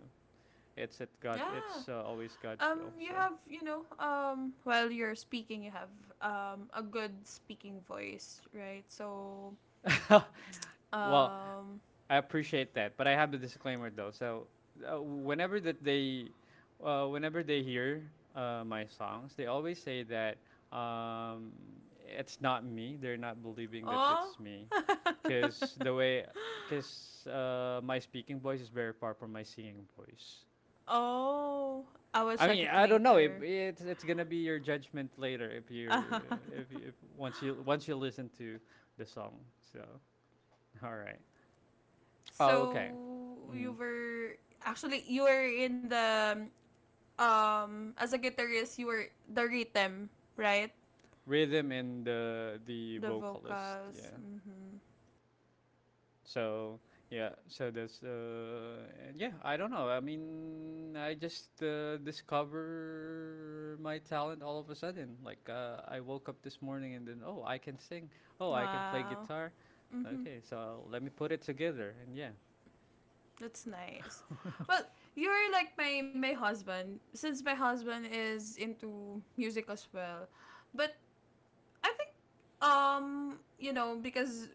Speaker 1: it's at God.
Speaker 2: Yeah.
Speaker 1: It's uh, always
Speaker 2: Um,
Speaker 1: God's will.
Speaker 2: you have, you know, um, while you're speaking, you have um a good speaking voice, right? So,
Speaker 1: So well,
Speaker 2: um,
Speaker 1: I appreciate that, but I have a disclaimer though. So uh, whenever that they, uh, whenever they hear uh, my songs, they always say that um, it's not me. They're not believing that
Speaker 2: oh,
Speaker 1: it's me, because the way, because uh, my speaking voice is very far from my singing voice.
Speaker 2: oh, I will
Speaker 1: I
Speaker 2: check
Speaker 1: mean,
Speaker 2: it
Speaker 1: I don't know. It,
Speaker 2: later.
Speaker 1: it's it's gonna be your judgment later if you're if, you- if once you once you listen to the song. So all right. Oh,
Speaker 2: So
Speaker 1: okay.
Speaker 2: you
Speaker 1: Hmm,
Speaker 2: were, actually you were in the, um as a guitarist, you were the rhythm, right?
Speaker 1: rhythm and the the
Speaker 2: The
Speaker 1: vocalist.
Speaker 2: vocals.
Speaker 1: Yeah.
Speaker 2: Mhm.
Speaker 1: So yeah. So that's uh, and yeah. I don't know. I mean, I just uh, discover my talent all of a sudden. Like uh, I woke up this morning and then, oh, I can sing. Oh, I can play
Speaker 2: Wow.
Speaker 1: guitar.
Speaker 2: Mhm.
Speaker 1: Okay, so let me put it together, and yeah.
Speaker 2: That's nice. Well, you're like my my husband, since my husband is into music as well. But I think um you know, because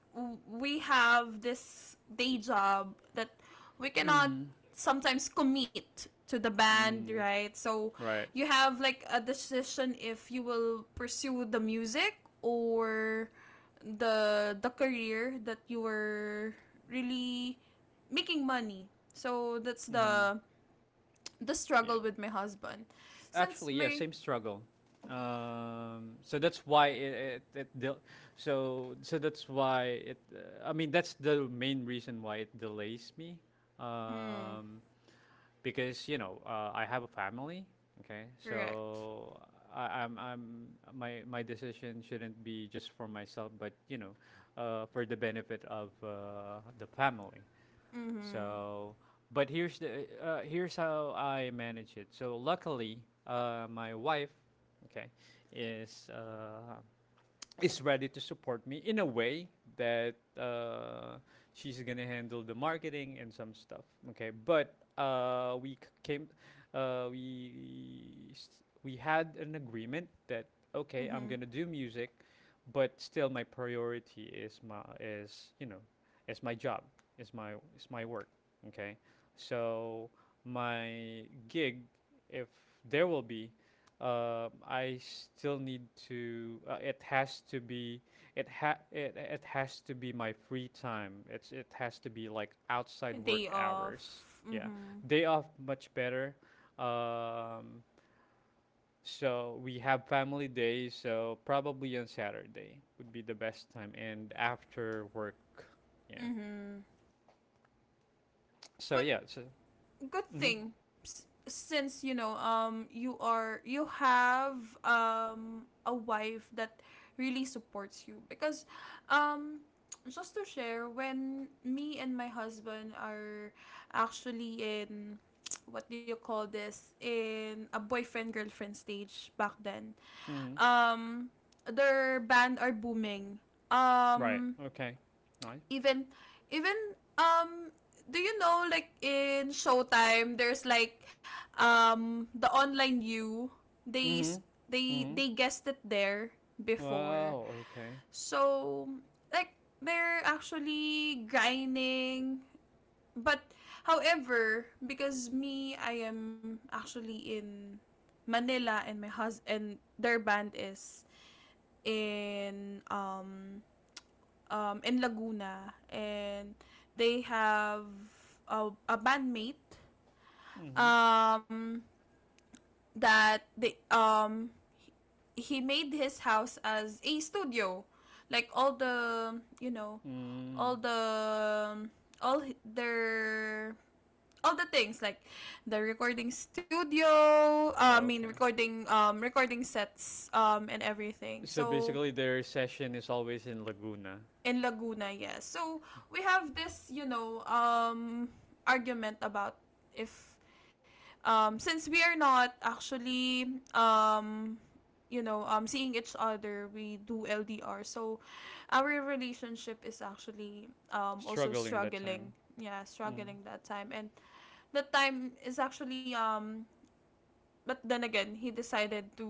Speaker 2: we have this day job, that we cannot
Speaker 1: Mm.
Speaker 2: sometimes commit to the band,
Speaker 1: Mm.
Speaker 2: right? So
Speaker 1: Right.
Speaker 2: you have like a decision, if you will pursue the music, or the the career that you were really making money. So that's
Speaker 1: Mm.
Speaker 2: the the struggle
Speaker 1: Yeah.
Speaker 2: with my husband, since
Speaker 1: Actually, yeah,
Speaker 2: my.
Speaker 1: same struggle. Um, so that's why it, it, it del- so so that's why it. Uh, I mean, that's the main reason why it delays me,
Speaker 2: Mm-hmm.
Speaker 1: um, because you know uh, I have a family. Okay,
Speaker 2: Correct.
Speaker 1: so I, I'm I'm my my decision shouldn't be just for myself, but you know, uh, for the benefit of uh, the family.
Speaker 2: Mm-hmm.
Speaker 1: So, but here's the uh, here's how I manage it. So luckily, uh, my wife, okay, is uh, is ready to support me in a way that uh, she's gonna handle the marketing and some stuff. Okay, but uh, we c- came, uh, we s- we had an agreement that okay, I'm
Speaker 2: Mm-hmm.
Speaker 1: gonna do music, but still my priority is my is you know, is my job, is my is my work. Okay, so my gig, if there will be, uh, I still need to. Uh, it has to be. It ha. It, it has to be my free time. It's. It has to be like outside
Speaker 2: A day
Speaker 1: work hours.
Speaker 2: off.
Speaker 1: Yeah,
Speaker 2: Mhm.
Speaker 1: day off much better. Um, so we have family day. So probably on Saturday would be the best time, and after work. Yeah.
Speaker 2: Mhm.
Speaker 1: So
Speaker 2: Well,
Speaker 1: yeah. So.
Speaker 2: good
Speaker 1: Mhm.
Speaker 2: thing, s- since, you know, um you are, you have um a wife that really supports you, because, um just to share, when me and my husband are actually in, what do you call this, in a boyfriend girlfriend stage back then,
Speaker 1: Mhm.
Speaker 2: um their band are booming,
Speaker 1: Right.
Speaker 2: um
Speaker 1: Okay. Nice.
Speaker 2: even even um do you know, like in Showtime, there's like um the online, you, they s-
Speaker 1: Mhm.
Speaker 2: they
Speaker 1: Mhm.
Speaker 2: they guessed it there before.
Speaker 1: Wow. Okay.
Speaker 2: So like, they're actually grinding, but however, because me, I am actually in Manila, and my hus and their band is in um um, in Laguna, and they have a, a bandmate,
Speaker 1: Mhm.
Speaker 2: um, that they, um, he made his house as a studio, like all the, you know, all
Speaker 1: Mm,
Speaker 2: the, all h- their, all the things like the recording studio, uh, I mean
Speaker 1: okay.
Speaker 2: recording, um recording sets, um and everything.
Speaker 1: So
Speaker 2: So
Speaker 1: basically, their session is always in Laguna,
Speaker 2: in Laguna, yes. So we have this, you know, um, argument about, if, um, since we are not actually, um, you know, um, seeing each other, we do L D R. So our relationship is actually, um, also
Speaker 1: struggling that time.
Speaker 2: struggling. Yeah,
Speaker 1: Mm.
Speaker 2: struggling that time, and that time is actually, um. But then again, he decided to,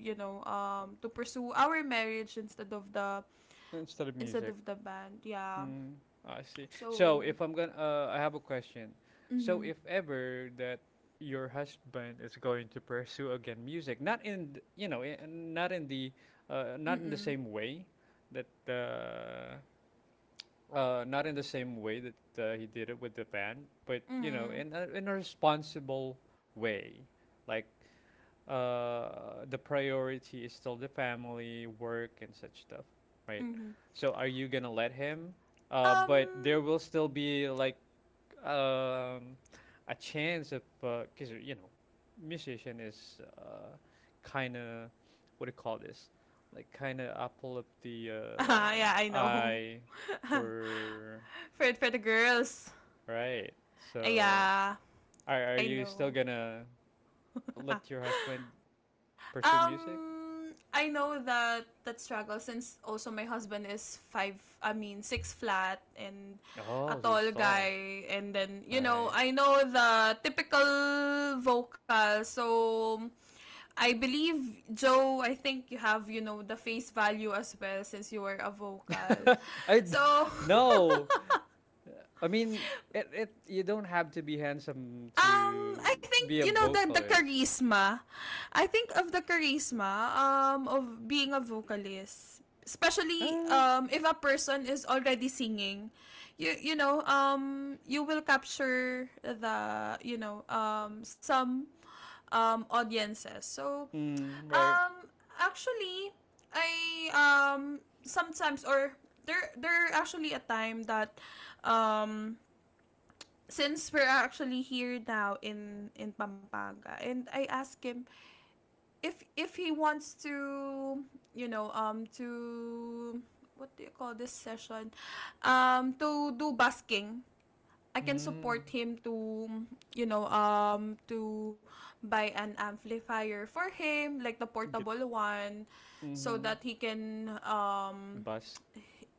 Speaker 2: you know, um to pursue our marriage instead of the,
Speaker 1: Instead of
Speaker 2: instead
Speaker 1: music.
Speaker 2: of the band. Yeah.
Speaker 1: Mm, I see. So
Speaker 2: So.
Speaker 1: if I'm gonna, uh, I have a question. So
Speaker 2: Mm-hmm.
Speaker 1: if ever that your husband is going to pursue again music, not in, th- you know, in, not in the, uh, not in the
Speaker 2: Mm-mm.
Speaker 1: same way that, uh, uh, not in the same way that uh, he did it with the band, but you know,
Speaker 2: Mm-mm.
Speaker 1: in a, in a responsible way like uh, the priority is still the family, work, and such stuff, right?
Speaker 2: Mm-hmm.
Speaker 1: So are you gonna let him? Uh,
Speaker 2: Um.
Speaker 1: but there will still be like um, a chance of because you know, musician is uh, kind of, what do you call this? Like kind of apple of the
Speaker 2: Uh, yeah, I
Speaker 1: uh,
Speaker 2: know.
Speaker 1: eye for
Speaker 2: For for the girls.
Speaker 1: right.
Speaker 2: Uh,
Speaker 1: So
Speaker 2: Yeah,
Speaker 1: are are
Speaker 2: I
Speaker 1: you still
Speaker 2: know.
Speaker 1: gonna let your husband pursue music?
Speaker 2: um, I know that that struggle, since also my husband is five. I mean six flat, and a
Speaker 1: Oh, he
Speaker 2: tall
Speaker 1: stalled.
Speaker 2: guy, and then you know,
Speaker 1: Right.
Speaker 2: I know the typical vocal. So I believe Joe, I think you have, you know, the face value as well, since you were a vocal.
Speaker 1: I d-
Speaker 2: So,
Speaker 1: no. I mean, it it you don't have to be handsome
Speaker 2: um,
Speaker 1: to
Speaker 2: I think,
Speaker 1: be a
Speaker 2: you know, the, the
Speaker 1: vocalist.
Speaker 2: charisma. I think of the charisma um, of being a vocalist, especially
Speaker 1: Ah.
Speaker 2: um, if a person is already singing, you you know, um, you will capture the, you know, um, some um, audiences. So
Speaker 1: Mm, right.
Speaker 2: um, actually, I, um, sometimes, or there there actually a time that, um, since we're actually here now in in Pampanga, and I asked him if, if he wants to, you know, um to, what do you call this, session, um to do basking. I can
Speaker 1: Mm.
Speaker 2: support him to, you know, um to buy an amplifier for him, like the
Speaker 1: Get.
Speaker 2: portable one, so
Speaker 1: Mhm.
Speaker 2: that he can, um
Speaker 1: Busk.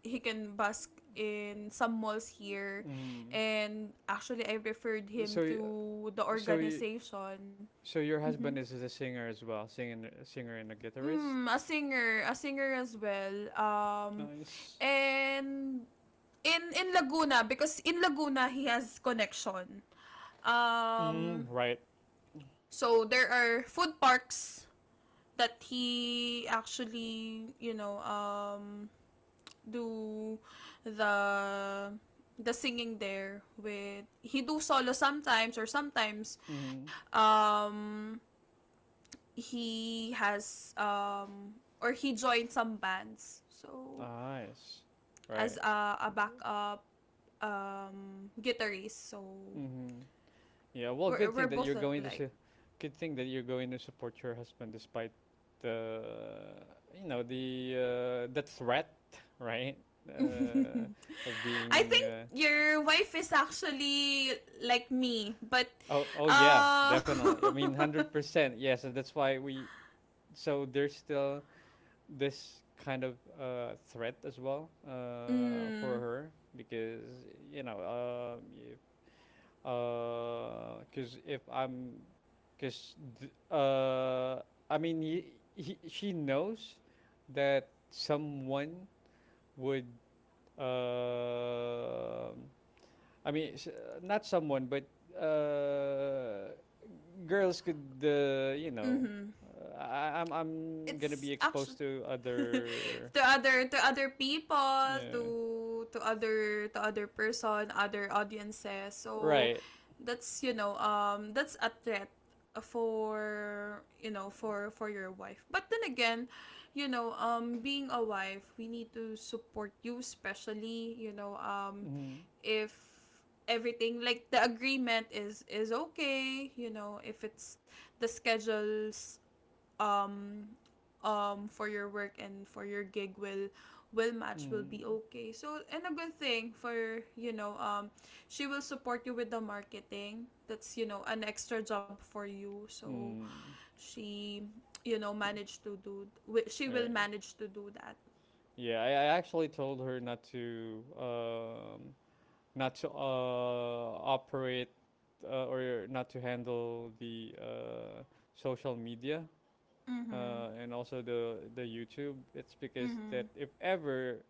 Speaker 2: he can busk in some malls here,
Speaker 1: Mm.
Speaker 2: and actually I referred him
Speaker 1: So y-
Speaker 2: to the
Speaker 1: so y-
Speaker 2: organization.
Speaker 1: so your
Speaker 2: Mm-hmm.
Speaker 1: husband is a singer as well, singing, a singer and a guitarist.
Speaker 2: Mm, a singer, a singer as well, um
Speaker 1: Nice.
Speaker 2: and in in Laguna, because in Laguna he has connection,
Speaker 1: Mm,
Speaker 2: um
Speaker 1: right.
Speaker 2: so there are food parks that he actually, you know, um, do the the singing there. With, he do solo sometimes, or sometimes
Speaker 1: Mhm.
Speaker 2: um he has, um or he joined some bands, so
Speaker 1: Nice.
Speaker 2: as
Speaker 1: Right.
Speaker 2: a, a backup um guitarist. So
Speaker 1: Mhm. Yeah, well,
Speaker 2: we're,
Speaker 1: good
Speaker 2: we're
Speaker 1: thing that you're
Speaker 2: both
Speaker 1: going
Speaker 2: alike.
Speaker 1: to su- good thing that you're going to support your husband despite the you know the uh, the threat, right? Uh, of
Speaker 2: I
Speaker 1: being
Speaker 2: think
Speaker 1: uh,
Speaker 2: your wife is actually like me, but
Speaker 1: oh, oh yeah,
Speaker 2: uh.
Speaker 1: definitely. I mean, hundred percent. Yeah, so that's why we, so there's still this kind of uh, threat as well uh, for
Speaker 2: Mm,
Speaker 1: her because you know uh, because uh, if I'm, because uh, I mean, he, he, she knows that someone would, uh, I mean, s- not someone, but uh, girls could, uh, you know,
Speaker 2: mhm.
Speaker 1: uh, I, I'm, I'm gonna
Speaker 2: It's
Speaker 1: be
Speaker 2: actually
Speaker 1: exposed to other,
Speaker 2: to other, to other people,
Speaker 1: yeah,
Speaker 2: to to other, to other person, other audiences. So
Speaker 1: right,
Speaker 2: that's, you know, um that's a threat for, you know, for for your wife. But then again, you know, um being a wife, we need to support you, especially, you know, um
Speaker 1: mm,
Speaker 2: if everything, like the agreement is is okay, you know, if it's the schedules, um for your work and for your gig, will will match, will be
Speaker 1: mm,
Speaker 2: okay. So, and a good thing, for you know, um she will support you with the marketing, that's, you know, an extra job for you. So
Speaker 1: mm,
Speaker 2: she, you know,
Speaker 1: yeah,
Speaker 2: managed to do, she will
Speaker 1: right.
Speaker 2: manage to do that.
Speaker 1: Yeah, I, I actually told her not to um, not to uh, operate uh, or not to handle the uh, social media
Speaker 2: Mhm.
Speaker 1: uh, and also the the YouTube. It's because
Speaker 2: Mhm.
Speaker 1: that if ever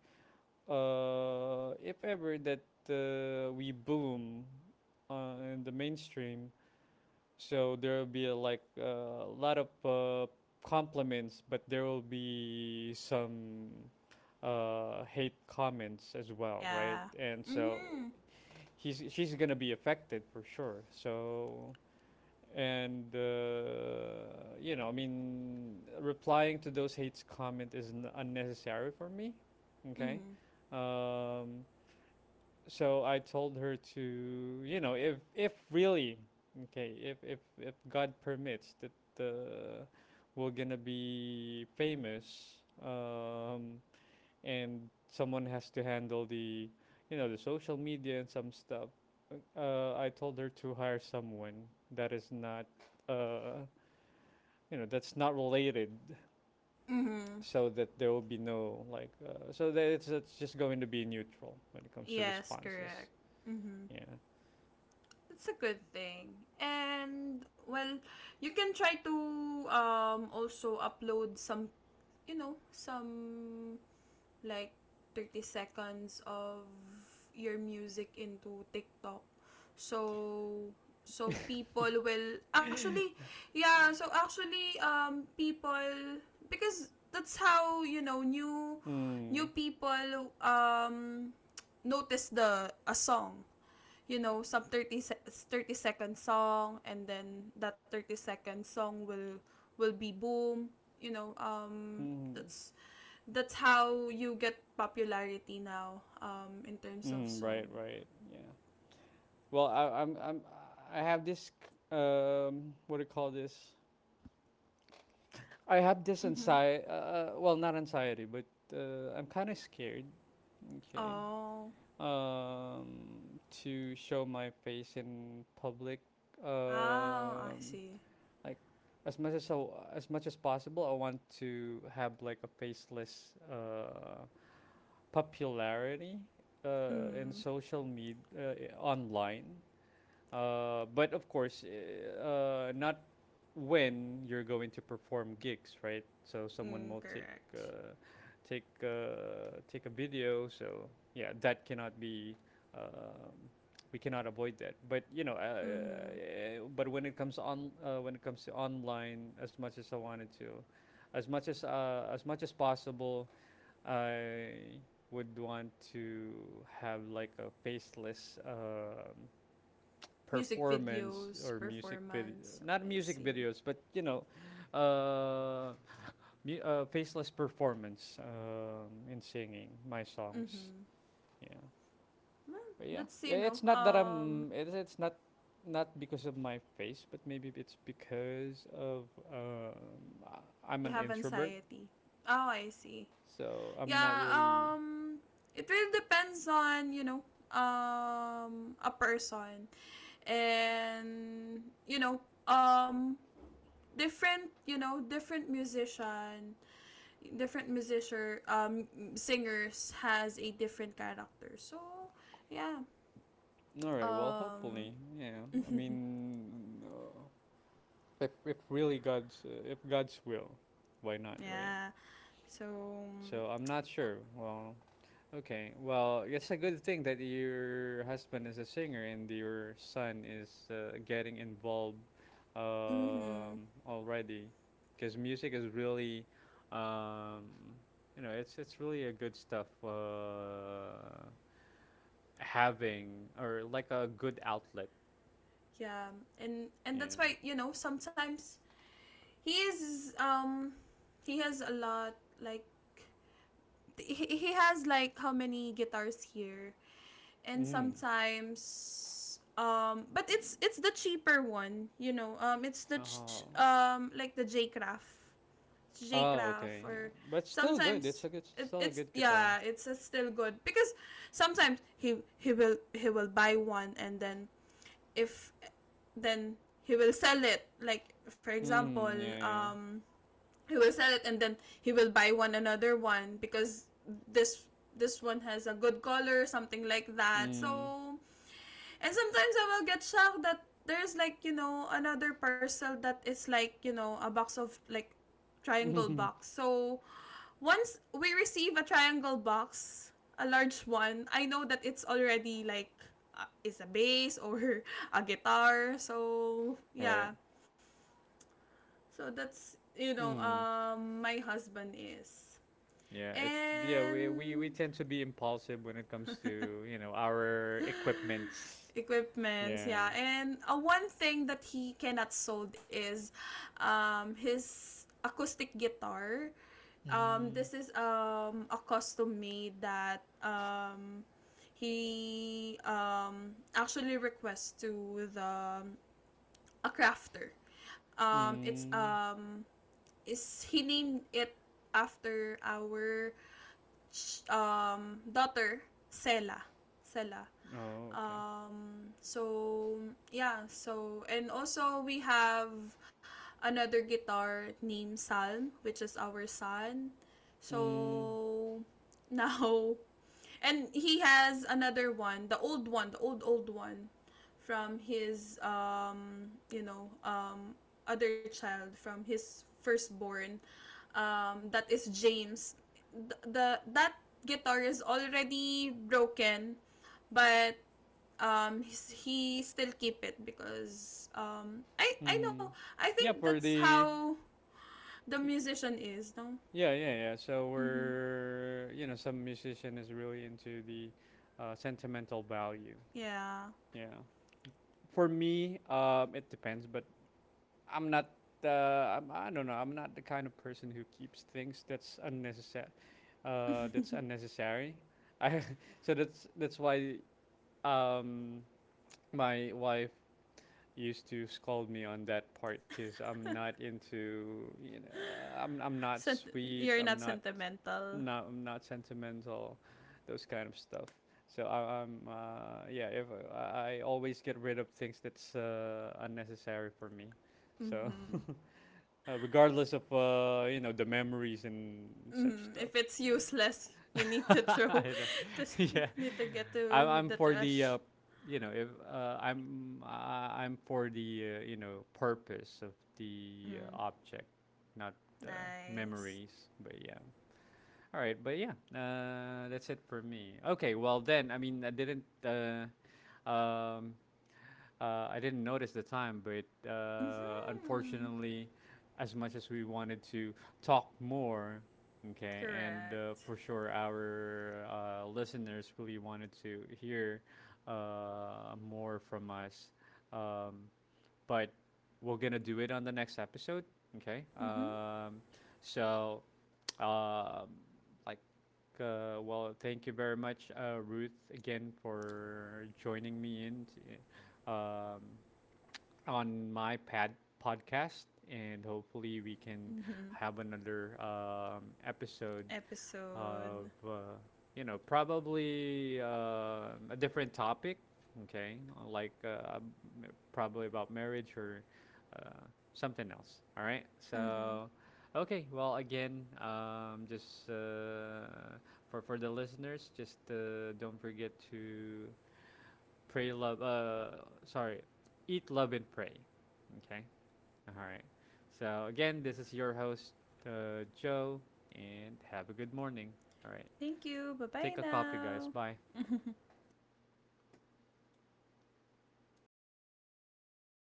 Speaker 1: uh, if ever that uh, we boom uh, in the mainstream, so there will be uh, like a lot of uh, compliments, but there will be some uh, hate comments as well, right?
Speaker 2: Yeah.
Speaker 1: And so
Speaker 2: Mhm.
Speaker 1: he's she's gonna be affected for sure. So and uh, you know, I mean, replying to those hate comment is n- unnecessary for me. Okay,
Speaker 2: Mhm.
Speaker 1: um, so I told her to, you know, if if really, okay, if if if God permits that uh, we're gonna be famous, um, and someone has to handle the, you know, the social media and some stuff. Uh, I told her to hire someone that is not, uh, you know, that's not related,
Speaker 2: Mhm.
Speaker 1: so that there will be no like, uh, so that it's it's just going to be neutral when it comes to
Speaker 2: Yes,
Speaker 1: responses.
Speaker 2: correct. Mhm.
Speaker 1: Yeah.
Speaker 2: It's a good thing. And well, you can try to, um also upload some, you know, some like thirty seconds of your music into TikTok. So, so people will actually, yeah, so actually um people, because that's how, you know, new new
Speaker 1: Mm.
Speaker 2: people um notice the a song. You know, some thirty se- thirty second song, and then that thirty second song will will be boom. You know, um
Speaker 1: Mm.
Speaker 2: that's that's how you get popularity now, um in terms of
Speaker 1: Mm. Right.
Speaker 2: song.
Speaker 1: Right. Yeah. Well, I, I'm. I'm. I have this. C- Um. What do you call this? I have this
Speaker 2: Mm-hmm.
Speaker 1: anxiety. Uh, uh, well, not anxiety, but uh, I'm kind of scared. Okay.
Speaker 2: Oh.
Speaker 1: Um. To show my face in public.
Speaker 2: Ah, I
Speaker 1: Um.
Speaker 2: see.
Speaker 1: Like, as much as I, as much as possible, I want to have like a faceless. Uh, popularity uh, in
Speaker 2: Mm-hmm.
Speaker 1: social media, uh, online, uh, but of course uh, not when you're going to perform gigs, right? So someone
Speaker 2: Mm,
Speaker 1: will take
Speaker 2: correct.
Speaker 1: uh, take uh, take a video, so yeah, that cannot be, um, we cannot avoid that, but you know, uh,
Speaker 2: Mm-hmm.
Speaker 1: uh, but when it comes on uh, when it comes to online, as much as I wanted to, as much as uh, as much as possible I would want to have like a faceless um,
Speaker 2: Music
Speaker 1: performance
Speaker 2: videos
Speaker 1: or music video,
Speaker 2: performance.
Speaker 1: not
Speaker 2: I
Speaker 1: music
Speaker 2: see.
Speaker 1: videos, but you know, uh, mu- uh, faceless performance um, in singing my songs.
Speaker 2: Mm-hmm.
Speaker 1: Yeah,
Speaker 2: Well,
Speaker 1: but yeah,
Speaker 2: that's, you
Speaker 1: I- it's
Speaker 2: know,
Speaker 1: not that I'm.
Speaker 2: um
Speaker 1: It's, it's not not because of my face, but maybe it's because of um, I- I'm
Speaker 2: you
Speaker 1: an
Speaker 2: have
Speaker 1: introvert,
Speaker 2: anxiety. Oh, I see.
Speaker 1: so I'm not
Speaker 2: Yeah,
Speaker 1: really.
Speaker 2: um it really depends on, you know, um a person, and you know, um different, you know, different musician, different musician um singers has a different character. So, yeah.
Speaker 1: All right. Well,
Speaker 2: Um
Speaker 1: hopefully, yeah. I mean, uh, if if really God's uh, if God's will, why not, right?
Speaker 2: yeah. So
Speaker 1: So I'm not sure. Well, okay. Well, it's a good thing that your husband is a singer and your son is uh, getting involved
Speaker 2: mhm.
Speaker 1: um, already, because music is really, um, you know, it's it's really a good stuff. Uh, having or like a good outlet.
Speaker 2: Yeah. And and that's
Speaker 1: Yeah.
Speaker 2: why, you know, sometimes he is, um he has a lot, like he, he has like how many guitars here. And
Speaker 1: Mm.
Speaker 2: sometimes, um but it's it's the cheaper one, you know, um it's the ch-
Speaker 1: Oh.
Speaker 2: um like the J Craft, J
Speaker 1: Oh,
Speaker 2: Craft,
Speaker 1: okay. Yeah.
Speaker 2: or
Speaker 1: But still good. It's
Speaker 2: sometimes,
Speaker 1: a good,
Speaker 2: it,
Speaker 1: still a
Speaker 2: it's,
Speaker 1: good guitar.
Speaker 2: yeah, it's, uh, still good, because sometimes he he will, he will buy one, and then if, then he will sell it, like for example,
Speaker 1: Mm, yeah,
Speaker 2: um he will sell it, and then he will buy one, another one, because this this one has a good color, something like that.
Speaker 1: yeah.
Speaker 2: So, and sometimes I will get shocked, that there's like, you know, another parcel that is like, you know, a box of like triangle
Speaker 1: Mm.
Speaker 2: box. So once we receive a triangle box, a large one, I know that it's already like, uh, is a bass or a guitar. So
Speaker 1: right.
Speaker 2: yeah, so that's, you know,
Speaker 1: Mm.
Speaker 2: um my husband is.
Speaker 1: Yeah, it's yeah, we, we we
Speaker 2: And
Speaker 1: tend to be impulsive when it comes to, you know, our equipments.
Speaker 2: equipments,
Speaker 1: Yeah.
Speaker 2: yeah, and uh, one thing that he cannot sold is, um his acoustic guitar. Um
Speaker 1: Mm.
Speaker 2: this is um a custom made, that um he, um actually requests to the, um, a crafter. Um it's,
Speaker 1: Mm.
Speaker 2: um is, he named it after our sh- um, daughter, Sela. Sela.
Speaker 1: Oh, okay.
Speaker 2: Um, so, yeah. So, and also we have another guitar named Salm, which is our son.
Speaker 1: Mm.
Speaker 2: So, now, and he has another one, the old one, the old, old one from his, um, you know, um, other child, from his firstborn um, that is James. The, the that guitar is already broken, but um, he still keep it because um, I I know,
Speaker 1: Mm.
Speaker 2: I
Speaker 1: Yeah,
Speaker 2: think
Speaker 1: for
Speaker 2: that's
Speaker 1: the
Speaker 2: how the
Speaker 1: y-
Speaker 2: musician is. No.
Speaker 1: yeah, yeah, yeah. So
Speaker 2: Mm-hmm.
Speaker 1: we're you know, some musician is really into the uh, sentimental value.
Speaker 2: Yeah.
Speaker 1: Yeah. For me, um, it depends, but I'm not. Uh, I'm, I don't know. I'm not the kind of person who keeps things that's unnecessary. Uh, that's unnecessary. I so that's that's why um, my wife used to scold me on that part because I'm not into you know I'm I'm not
Speaker 2: Sent-,
Speaker 1: sweet.
Speaker 2: you're
Speaker 1: I'm
Speaker 2: not
Speaker 1: not,
Speaker 2: sentimental.
Speaker 1: no, I'm not sentimental, those kind of stuff. So I, I'm uh, yeah. If I, I always get rid of things that's uh, unnecessary for me, so
Speaker 2: Mm-hmm.
Speaker 1: uh, regardless of uh, you know the memories and such
Speaker 2: Mm-hmm.
Speaker 1: stuff.
Speaker 2: If it's useless, you need to throw.
Speaker 1: I know.
Speaker 2: To, you
Speaker 1: yeah,
Speaker 2: need to get
Speaker 1: I'm
Speaker 2: to
Speaker 1: I'm
Speaker 2: the
Speaker 1: for the uh,
Speaker 2: trash.
Speaker 1: you know if uh, I'm I I'm for the uh, you know purpose of the uh,
Speaker 2: Mm-hmm.
Speaker 1: object, not uh,
Speaker 2: Nice.
Speaker 1: memories. But yeah. All right, but yeah, uh, that's it for me. Okay, well then, I mean, I didn't, uh, um, uh, I didn't notice the time, but uh,
Speaker 2: Mm-hmm.
Speaker 1: unfortunately, as much as we wanted to talk more, okay, and uh,
Speaker 2: Correct.
Speaker 1: for sure our uh, listeners really wanted to hear uh, more from us. Um, but we're gonna do it on the next episode. Okay.
Speaker 2: Mm-hmm.
Speaker 1: Um, so, um, like, uh, well, thank you very much, uh, Ruth, again for joining me in, t- um, on my pad podcast, and hopefully we can
Speaker 2: Mm-hmm.
Speaker 1: have another um, episode of
Speaker 2: Episode.
Speaker 1: uh, you know probably uh, a different topic, okay, like uh, probably about marriage or uh, something else, all right?
Speaker 2: Mm-hmm.
Speaker 1: So okay, well, again, um, just uh, for for the listeners, just uh, don't forget to pray, love, uh, sorry, eat, love, and pray. Okay, all right, so again, this is your host, uh, Joe, and have a good morning, all right?
Speaker 2: Thank you. Bye-bye
Speaker 1: Take a copy, guys.
Speaker 2: now.
Speaker 1: Bye.